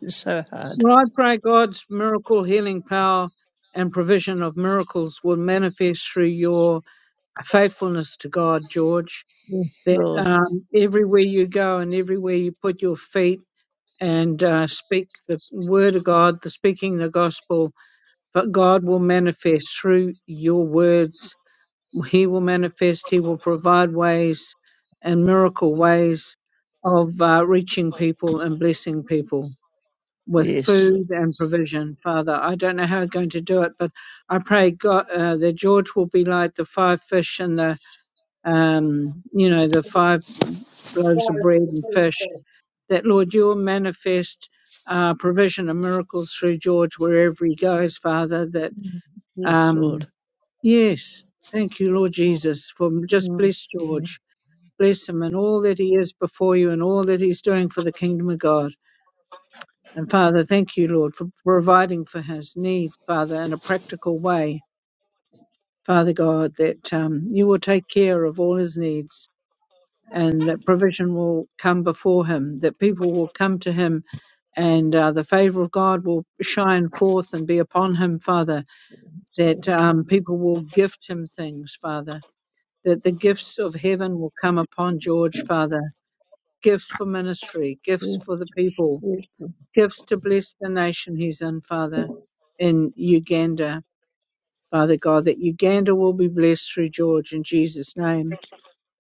[SPEAKER 3] it's so hard.
[SPEAKER 4] Well, I pray God's miracle healing power and provision of miracles will manifest through your faithfulness to God, George.
[SPEAKER 3] Yes,
[SPEAKER 4] That
[SPEAKER 3] Lord.
[SPEAKER 4] um, everywhere you go and everywhere you put your feet and uh, speak the word of God, the speaking the gospel, but God will manifest through your words. He will manifest. He will provide ways and miracle ways of uh, reaching people and blessing people. with
[SPEAKER 3] Yes,
[SPEAKER 4] food and provision, Father. I don't know how I'm going to do it, but I pray God uh, that George will be like the five fish and the um, you know the five loaves of bread and fish. That Lord, you'll manifest uh, provision and miracles through George wherever he goes, Father. That
[SPEAKER 3] Mm. Yes,
[SPEAKER 4] um,
[SPEAKER 3] Lord.
[SPEAKER 4] yes, thank you, Lord
[SPEAKER 2] Mm.
[SPEAKER 4] Jesus, for just
[SPEAKER 3] Mm.
[SPEAKER 4] bless
[SPEAKER 3] Mm.
[SPEAKER 4] George. Bless him and all that he is before you and all that he's doing for the kingdom of God. And Father, thank you, Lord, for providing for his needs, Father, in a practical way. Father God, that um, you will take care of all his needs and that provision will come before him, that people will come to him and uh, the favor of God will shine forth and be upon him, Father,
[SPEAKER 3] Yes,
[SPEAKER 4] that
[SPEAKER 3] Lord.
[SPEAKER 4] um, people will gift him things, Father, that the gifts of heaven will come upon George, Father, gifts for ministry, gifts for
[SPEAKER 3] Yes.
[SPEAKER 4] the people
[SPEAKER 3] Yes.
[SPEAKER 4] gives to bless the nation he's in, Father, in Uganda. Father God, that Uganda will be blessed through George in Jesus' name.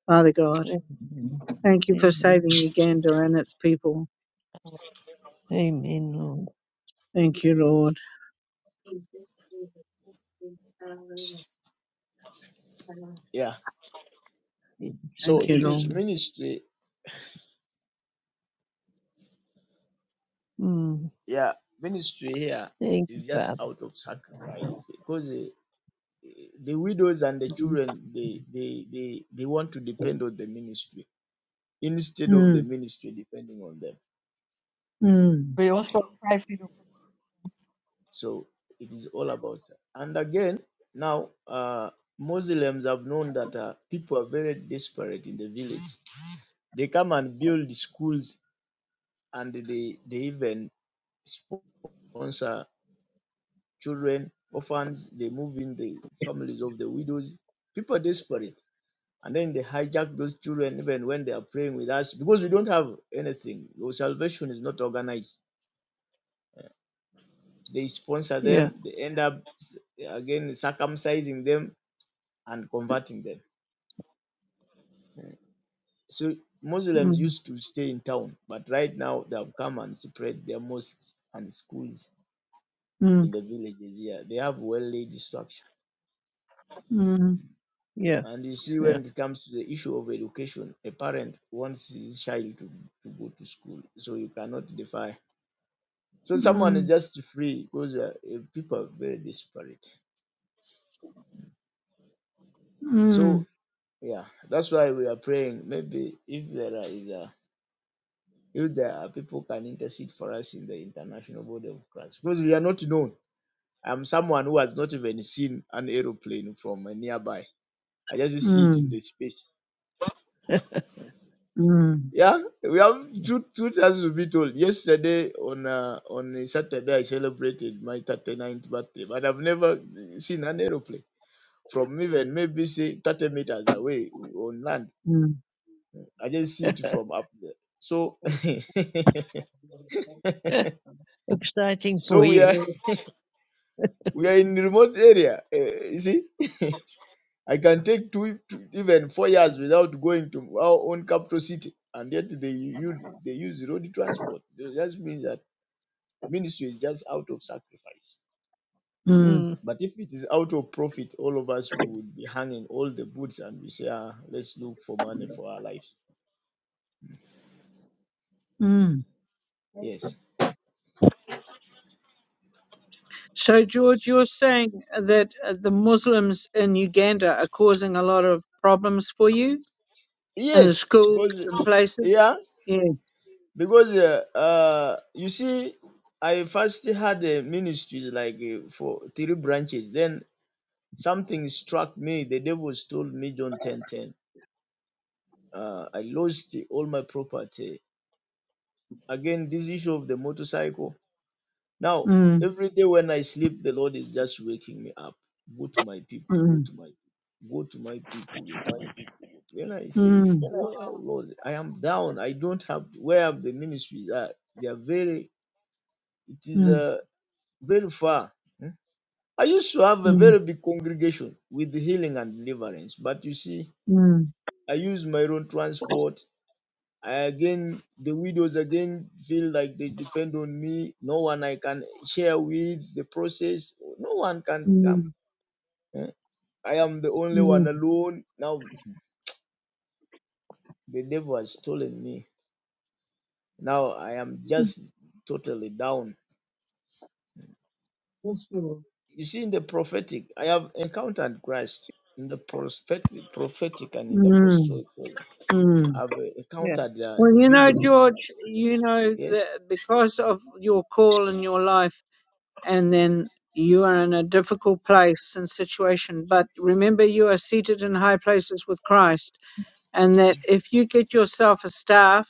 [SPEAKER 4] Father God,
[SPEAKER 3] Amen.
[SPEAKER 4] thank you for saving
[SPEAKER 3] Amen.
[SPEAKER 4] Uganda and its people.
[SPEAKER 3] Amen, Lord.
[SPEAKER 4] Thank you, Lord.
[SPEAKER 1] Yes, Hallelujah. Thank you,
[SPEAKER 5] Yeah.
[SPEAKER 3] It's
[SPEAKER 5] So
[SPEAKER 4] Thank you,
[SPEAKER 5] it is
[SPEAKER 3] precious.
[SPEAKER 4] Lord.
[SPEAKER 5] ministry.
[SPEAKER 3] Mm.
[SPEAKER 5] Yeah, ministry here
[SPEAKER 3] Thank you,
[SPEAKER 5] is just
[SPEAKER 3] Father.
[SPEAKER 5] out of sacrifice because eh, eh, the widows and the
[SPEAKER 4] Mm,
[SPEAKER 5] children they they they they want to depend on the ministry instead of the
[SPEAKER 4] mm,
[SPEAKER 5] ministry depending on them.
[SPEAKER 4] mm,
[SPEAKER 2] We also pray for you.
[SPEAKER 5] So it is all about that. And again, now uh, Muslims have known that uh, people are very desperate in the village. They come and build schools and they, they even sponsor children, orphans, they move in the families of the widows. People are desperate. And then they hijack those children even when they are praying with us because we don't have anything. Your salvation is not organized. They sponsor
[SPEAKER 3] Yeah.
[SPEAKER 5] them. They end up again circumcising them and converting them. Mm. So Muslims
[SPEAKER 3] Mm.
[SPEAKER 5] used to stay in town, but right now they have come and spread their mosques and schools in
[SPEAKER 4] mm,
[SPEAKER 5] the villages here. They have well laid structure.
[SPEAKER 4] mm,
[SPEAKER 3] Yeah.
[SPEAKER 5] And you see,
[SPEAKER 3] Yeah.
[SPEAKER 5] when it comes to the issue of education, a parent wants his child to, to go to school, so you cannot defy. So someone is
[SPEAKER 4] mm,
[SPEAKER 5] just free because uh, uh, people are very desperate.
[SPEAKER 4] mm,
[SPEAKER 5] So yeah, that's why we are praying. Maybe if there is a If there are people can intercede for us in the international body of Christ, because we are not known. I'm someone who has not even seen an aeroplane from uh, nearby. I just see it in the space.
[SPEAKER 4] mm,
[SPEAKER 5] Yeah, we have truth. Truth has to be told. Yesterday on uh, on a Saturday, I celebrated my 39th birthday, but I've never seen an aeroplane from even maybe say 30 meters away on land.
[SPEAKER 4] mm,
[SPEAKER 5] I just see it from up there. So, (laughs)
[SPEAKER 3] Exciting
[SPEAKER 5] so
[SPEAKER 3] for
[SPEAKER 5] we
[SPEAKER 3] you.
[SPEAKER 5] are. We are in remote area. eh, you see, (laughs) I can take two, two- even four years without going to our own capital city, and yet they use they use road transport. That just means that ministry is just out of sacrifice.
[SPEAKER 4] mm,
[SPEAKER 3] Mm.
[SPEAKER 5] But if it is out of profit, all of us we would be hanging all the boots and we say, ah, let's look for money for our lives.
[SPEAKER 4] mm.
[SPEAKER 5] Yes,
[SPEAKER 4] So, George, you're saying that uh, the Muslims in Uganda are causing a lot of problems for you? and the
[SPEAKER 5] yes,
[SPEAKER 4] schools
[SPEAKER 5] because
[SPEAKER 4] and places.
[SPEAKER 5] yeah,
[SPEAKER 4] Yeah.
[SPEAKER 5] because uh, uh you see, I first had a ministry like uh, for three branches. Then Something struck me. The devil stole me, John 10 10. Uh, I lost all my property. Again, this issue of the motorcycle. Now,
[SPEAKER 4] Mm,
[SPEAKER 5] every day when I sleep, the Lord is just waking me up. Go to my people, go
[SPEAKER 4] mm,
[SPEAKER 5] to my go to my people, go to my people. Then I say,
[SPEAKER 4] mm,
[SPEAKER 5] Well, Lord, I am down. I don't have where have the ministries are. They are very it is
[SPEAKER 4] mm,
[SPEAKER 5] uh, very far. Hmm? I used to have a
[SPEAKER 4] mm,
[SPEAKER 5] very big congregation with healing and deliverance, but you see
[SPEAKER 4] mm,
[SPEAKER 5] I use my own transport. I again, the widows again feel like they depend on me. No one I can share with the process. No one can come.
[SPEAKER 4] mm,
[SPEAKER 5] eh. I am the only one
[SPEAKER 4] mm,
[SPEAKER 5] alone. Now the devil has stolen me. Now I am just totally down. You see, in the prophetic, I have encountered Christ in the prophetic, prophetic and in the
[SPEAKER 4] mm,
[SPEAKER 5] apostolic.
[SPEAKER 4] mm.
[SPEAKER 5] I've uh,
[SPEAKER 3] Yeah.
[SPEAKER 5] encountered the,
[SPEAKER 4] Well,
[SPEAKER 5] the
[SPEAKER 4] you know,
[SPEAKER 5] vision of
[SPEAKER 4] George,
[SPEAKER 5] Christ.
[SPEAKER 4] you know
[SPEAKER 5] Yes.
[SPEAKER 4] that because of your call in your life, and then you are in a difficult place and situation. But remember, you are seated in high places with Christ, and that if you get yourself a staff,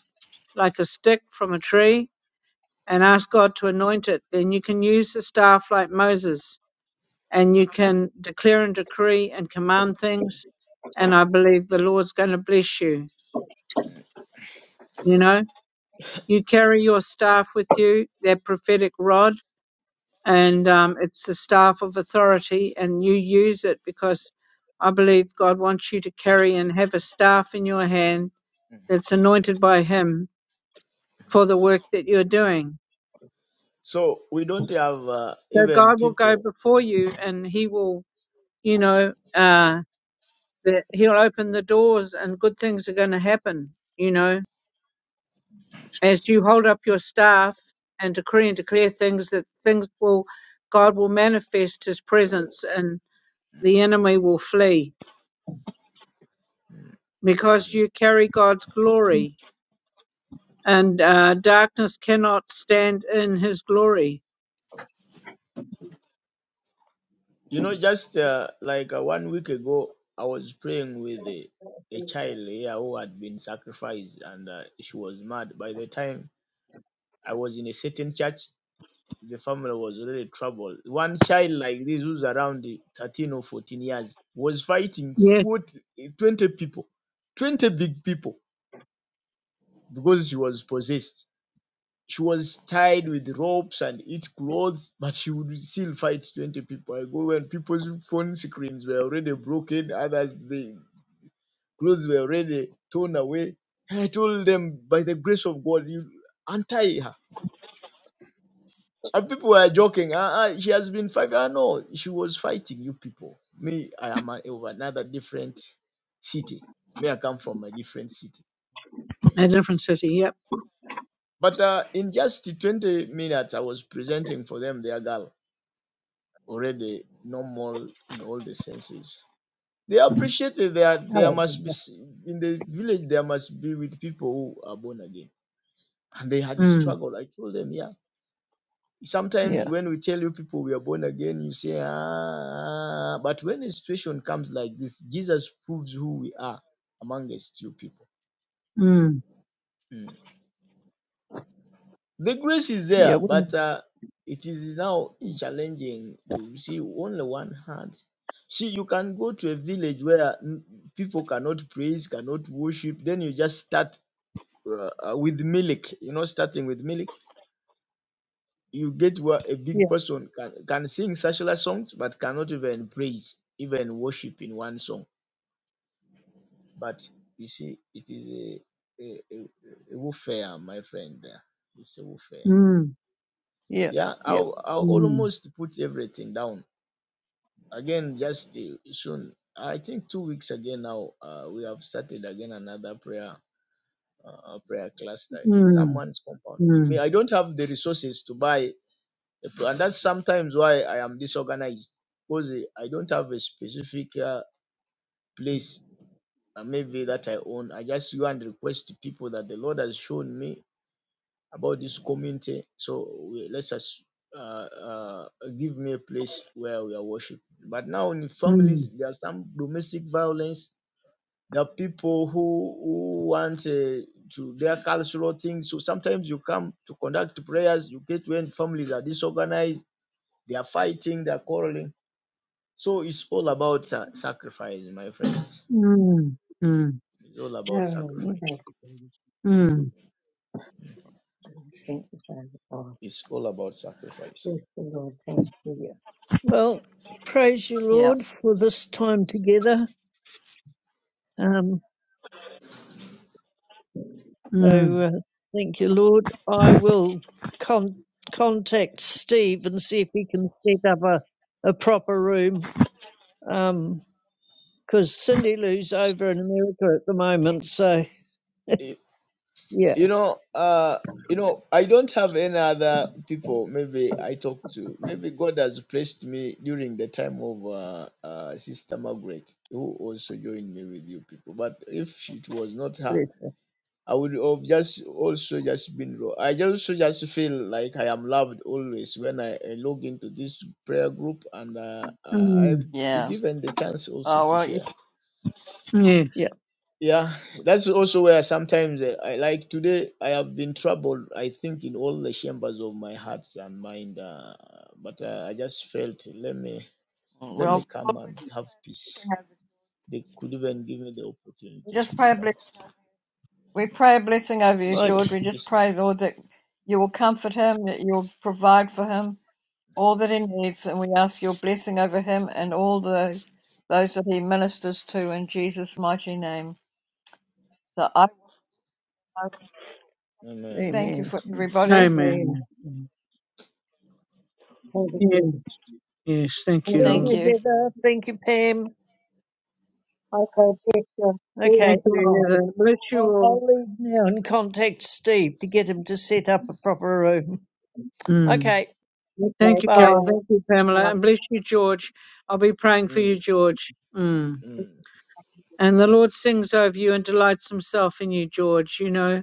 [SPEAKER 4] like a stick from a tree, and ask God to anoint it, then you can use the staff like Moses and you can declare and decree and command things. And I believe the Lord's going to bless you. You know, you carry your staff with you, that prophetic rod, and um, it's the staff of authority, and you use it because I believe God wants you to carry and have a staff in your hand that's anointed by Him for the work that you're doing.
[SPEAKER 5] So we don't have uh,
[SPEAKER 4] So
[SPEAKER 5] even
[SPEAKER 4] God will go
[SPEAKER 5] people
[SPEAKER 4] before you and He will you know, uh, that he'll open the doors and good things are going to happen, you know, as you hold up your staff and decree and declare things that things will, God will manifest his presence and the enemy will flee because
[SPEAKER 5] Mhm.
[SPEAKER 4] you carry God's glory and uh, darkness cannot stand in his glory.
[SPEAKER 5] You know, just uh, like uh, one week ago, I was praying with a, a child here who had been sacrificed and uh, she was mad. By the time I was in a certain church, the family was already troubled. One child like this, who's around the 13 or 14 years, was fighting
[SPEAKER 4] Yeah.
[SPEAKER 5] 40, 20 people, 20 big people, because she was possessed. She was tied with ropes and eat clothes, but she would still fight 20 people. I go when people's phone screens were already broken, others, the clothes were already torn away. And I told them, by the grace of God, you untie her. And people were joking, ah, ah, she has been fighting. Ah, no, she was fighting you people. Me, I am a, of another different city. Me, I come from a different city.
[SPEAKER 4] A different city. Yep.
[SPEAKER 5] But uh, in just 20 minutes, I was presenting for them their girl already normal in all the senses. They appreciated that there must be
[SPEAKER 3] Hallelujah.
[SPEAKER 5] in the village there must be with people who are born again. And they had a
[SPEAKER 4] Mm,
[SPEAKER 5] struggle. I told them, yeah. Sometimes
[SPEAKER 3] Yeah.
[SPEAKER 5] when we tell you people we are born again, you say, ah, but when a situation comes like this, Jesus proves who we are among us, you people.
[SPEAKER 4] mm,
[SPEAKER 5] Mm. The grace is
[SPEAKER 3] Yeah.
[SPEAKER 5] there,
[SPEAKER 3] When,
[SPEAKER 5] but uh, it is now challenging to see only one hand. See, you can go to a village where mm, people cannot praise, cannot worship. Then you just start uh, uh, with milk. You know, starting with milk, you get where a big
[SPEAKER 3] yeah.
[SPEAKER 5] person can can sing secular songs, but cannot even praise, even worship in one song. But you see, it is a a, a, a warfare, my friend. There, it's a warfare.
[SPEAKER 4] mm,
[SPEAKER 3] Yeah.
[SPEAKER 5] Yeah,
[SPEAKER 3] Yeah.
[SPEAKER 5] I'll, I'll
[SPEAKER 4] mm,
[SPEAKER 5] almost put everything down again. Just uh, soon, I think two weeks again now. Uh, we have started again another prayer uh, prayer cluster in
[SPEAKER 4] mm,
[SPEAKER 5] someone's compound.
[SPEAKER 4] mm,
[SPEAKER 5] Me, I don't have the resources to buy, a pl- and that's sometimes why I am disorganized because I don't have a specific uh, place. Uh, maybe that I own. I just go and request to people that the Lord has shown me about this community. So we, let's just uh, uh, give me a place where we are worshiping. But now in
[SPEAKER 4] mm,
[SPEAKER 5] families, there are some domestic violence. There are people who, who want uh, to their cultural things. So sometimes you come to conduct prayers, you get when families are disorganized, they are fighting, they are quarreling. So it's all about sa- sacrifice, my friends.
[SPEAKER 4] mm, mm, mm,
[SPEAKER 5] It's all about sacrifice.
[SPEAKER 3] Mm.
[SPEAKER 1] Jesus.
[SPEAKER 4] mm.
[SPEAKER 1] Thank you, Father God.
[SPEAKER 5] It's all about sacrifice
[SPEAKER 1] Yes, Lord. Thank you.
[SPEAKER 3] Yeah. Well, praise you,
[SPEAKER 2] Yeah,
[SPEAKER 3] Lord, for this time together. Um,
[SPEAKER 4] mm.
[SPEAKER 3] So uh, thank you, Lord. I will con- contact Steve and see if he can set up a, a proper room because Cindy Lou's over in America at the moment. So,
[SPEAKER 5] Eh,
[SPEAKER 3] yeah,
[SPEAKER 5] you know uh you know i don't have any other people maybe i talk to maybe god has placed me during the time of uh, uh sister margaret who also joined me with you people but if it was not her
[SPEAKER 3] bless her.
[SPEAKER 5] i would have just also just been raw. i just also just feel like i am loved always when i, I log into this prayer group and uh, i I
[SPEAKER 4] Mm,
[SPEAKER 5] be
[SPEAKER 2] yeah.
[SPEAKER 5] given the chance also
[SPEAKER 2] Oh,
[SPEAKER 5] to
[SPEAKER 2] well, you,
[SPEAKER 5] share
[SPEAKER 4] yes.
[SPEAKER 3] Yeah,
[SPEAKER 5] yeah, that's also where sometimes uh, I like today. I have been troubled, I think, in all the chambers of my hearts and mind. Uh, but uh, I just felt, let me let
[SPEAKER 2] well,
[SPEAKER 5] me come and have peace. They could even give me the opportunity
[SPEAKER 2] we
[SPEAKER 5] to
[SPEAKER 2] just pray
[SPEAKER 5] speak
[SPEAKER 2] a
[SPEAKER 5] out.
[SPEAKER 2] blessing. We pray a blessing over you,
[SPEAKER 3] right.
[SPEAKER 5] So
[SPEAKER 2] George. We just
[SPEAKER 5] it's,
[SPEAKER 2] pray, Lord, that you will comfort him, that you will provide for him, all that he needs, and we ask your blessing over him and all those those that he ministers to in Jesus' mighty name. So I, I
[SPEAKER 5] I mean,
[SPEAKER 2] thank you
[SPEAKER 3] Amen.
[SPEAKER 2] for
[SPEAKER 3] Thank
[SPEAKER 2] everybody.
[SPEAKER 4] Amen.
[SPEAKER 1] Hallelujah.
[SPEAKER 4] Yes. Yes. Thank you,
[SPEAKER 2] Thank
[SPEAKER 3] you,
[SPEAKER 4] Lord.
[SPEAKER 1] Thank you,
[SPEAKER 2] you.
[SPEAKER 3] Heather. Thank you, Pam.
[SPEAKER 1] Jesus. Thank you. I can take your this
[SPEAKER 3] Okay,
[SPEAKER 4] Thank you,
[SPEAKER 3] I'll,
[SPEAKER 1] tomorrow
[SPEAKER 4] Heather. Bless you
[SPEAKER 3] I'll,
[SPEAKER 4] all.
[SPEAKER 3] I'll leave now and contact Steve to get him to set up a proper room.
[SPEAKER 4] Mm.
[SPEAKER 3] Okay,
[SPEAKER 1] with my
[SPEAKER 4] Thank you,
[SPEAKER 3] bye.
[SPEAKER 4] Carol. Thank
[SPEAKER 1] God.
[SPEAKER 4] you, Pamela. And bless you, George. I'll be praying for you,
[SPEAKER 5] mm,
[SPEAKER 4] George. Mm.
[SPEAKER 5] mm.
[SPEAKER 4] And the Lord sings over you and delights himself in you, George. You know,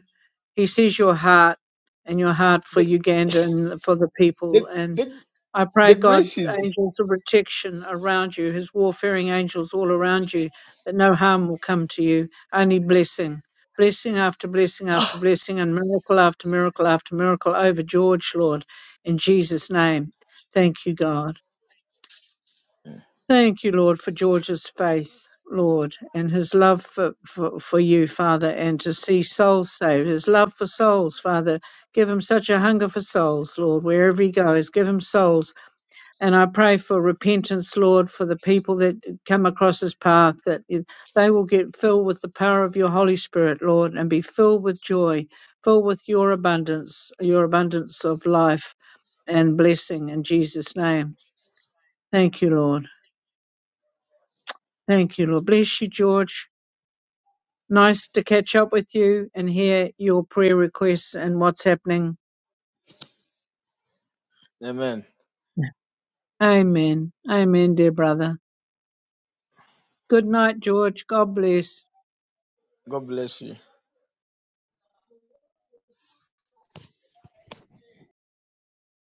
[SPEAKER 4] He sees your heart and your heart for
[SPEAKER 5] the
[SPEAKER 4] Uganda and for the people.
[SPEAKER 5] the
[SPEAKER 4] And
[SPEAKER 5] the
[SPEAKER 4] I pray
[SPEAKER 5] the grace
[SPEAKER 4] God's
[SPEAKER 5] is,
[SPEAKER 4] angels of protection around you, his warfaring angels all around you, that no harm will come to you, only blessing. Blessing after blessing
[SPEAKER 5] (sighs)
[SPEAKER 4] after blessing, and miracle after miracle after miracle over George, Lord, in Jesus' name. Thank you, God. Thank you, Lord, for George's faith, Lord, and his love for, for, for you, Father, and to see souls saved, his love for souls, Father. Give him such a hunger for souls, Lord, wherever he goes. Give him souls. And I pray for repentance, Lord, for the people that come across his path, that they will get filled with the power of your Holy Spirit, Lord, and be filled with joy, filled with your abundance, your abundance of life and blessing in Jesus' name. Thank you, Lord. Thank you, Lord. Bless you, George. Nice to catch up with you and hear your prayer requests and what's happening.
[SPEAKER 5] Amen.
[SPEAKER 4] Amen. Amen, dear brother. Good night, George. God bless.
[SPEAKER 5] God bless you.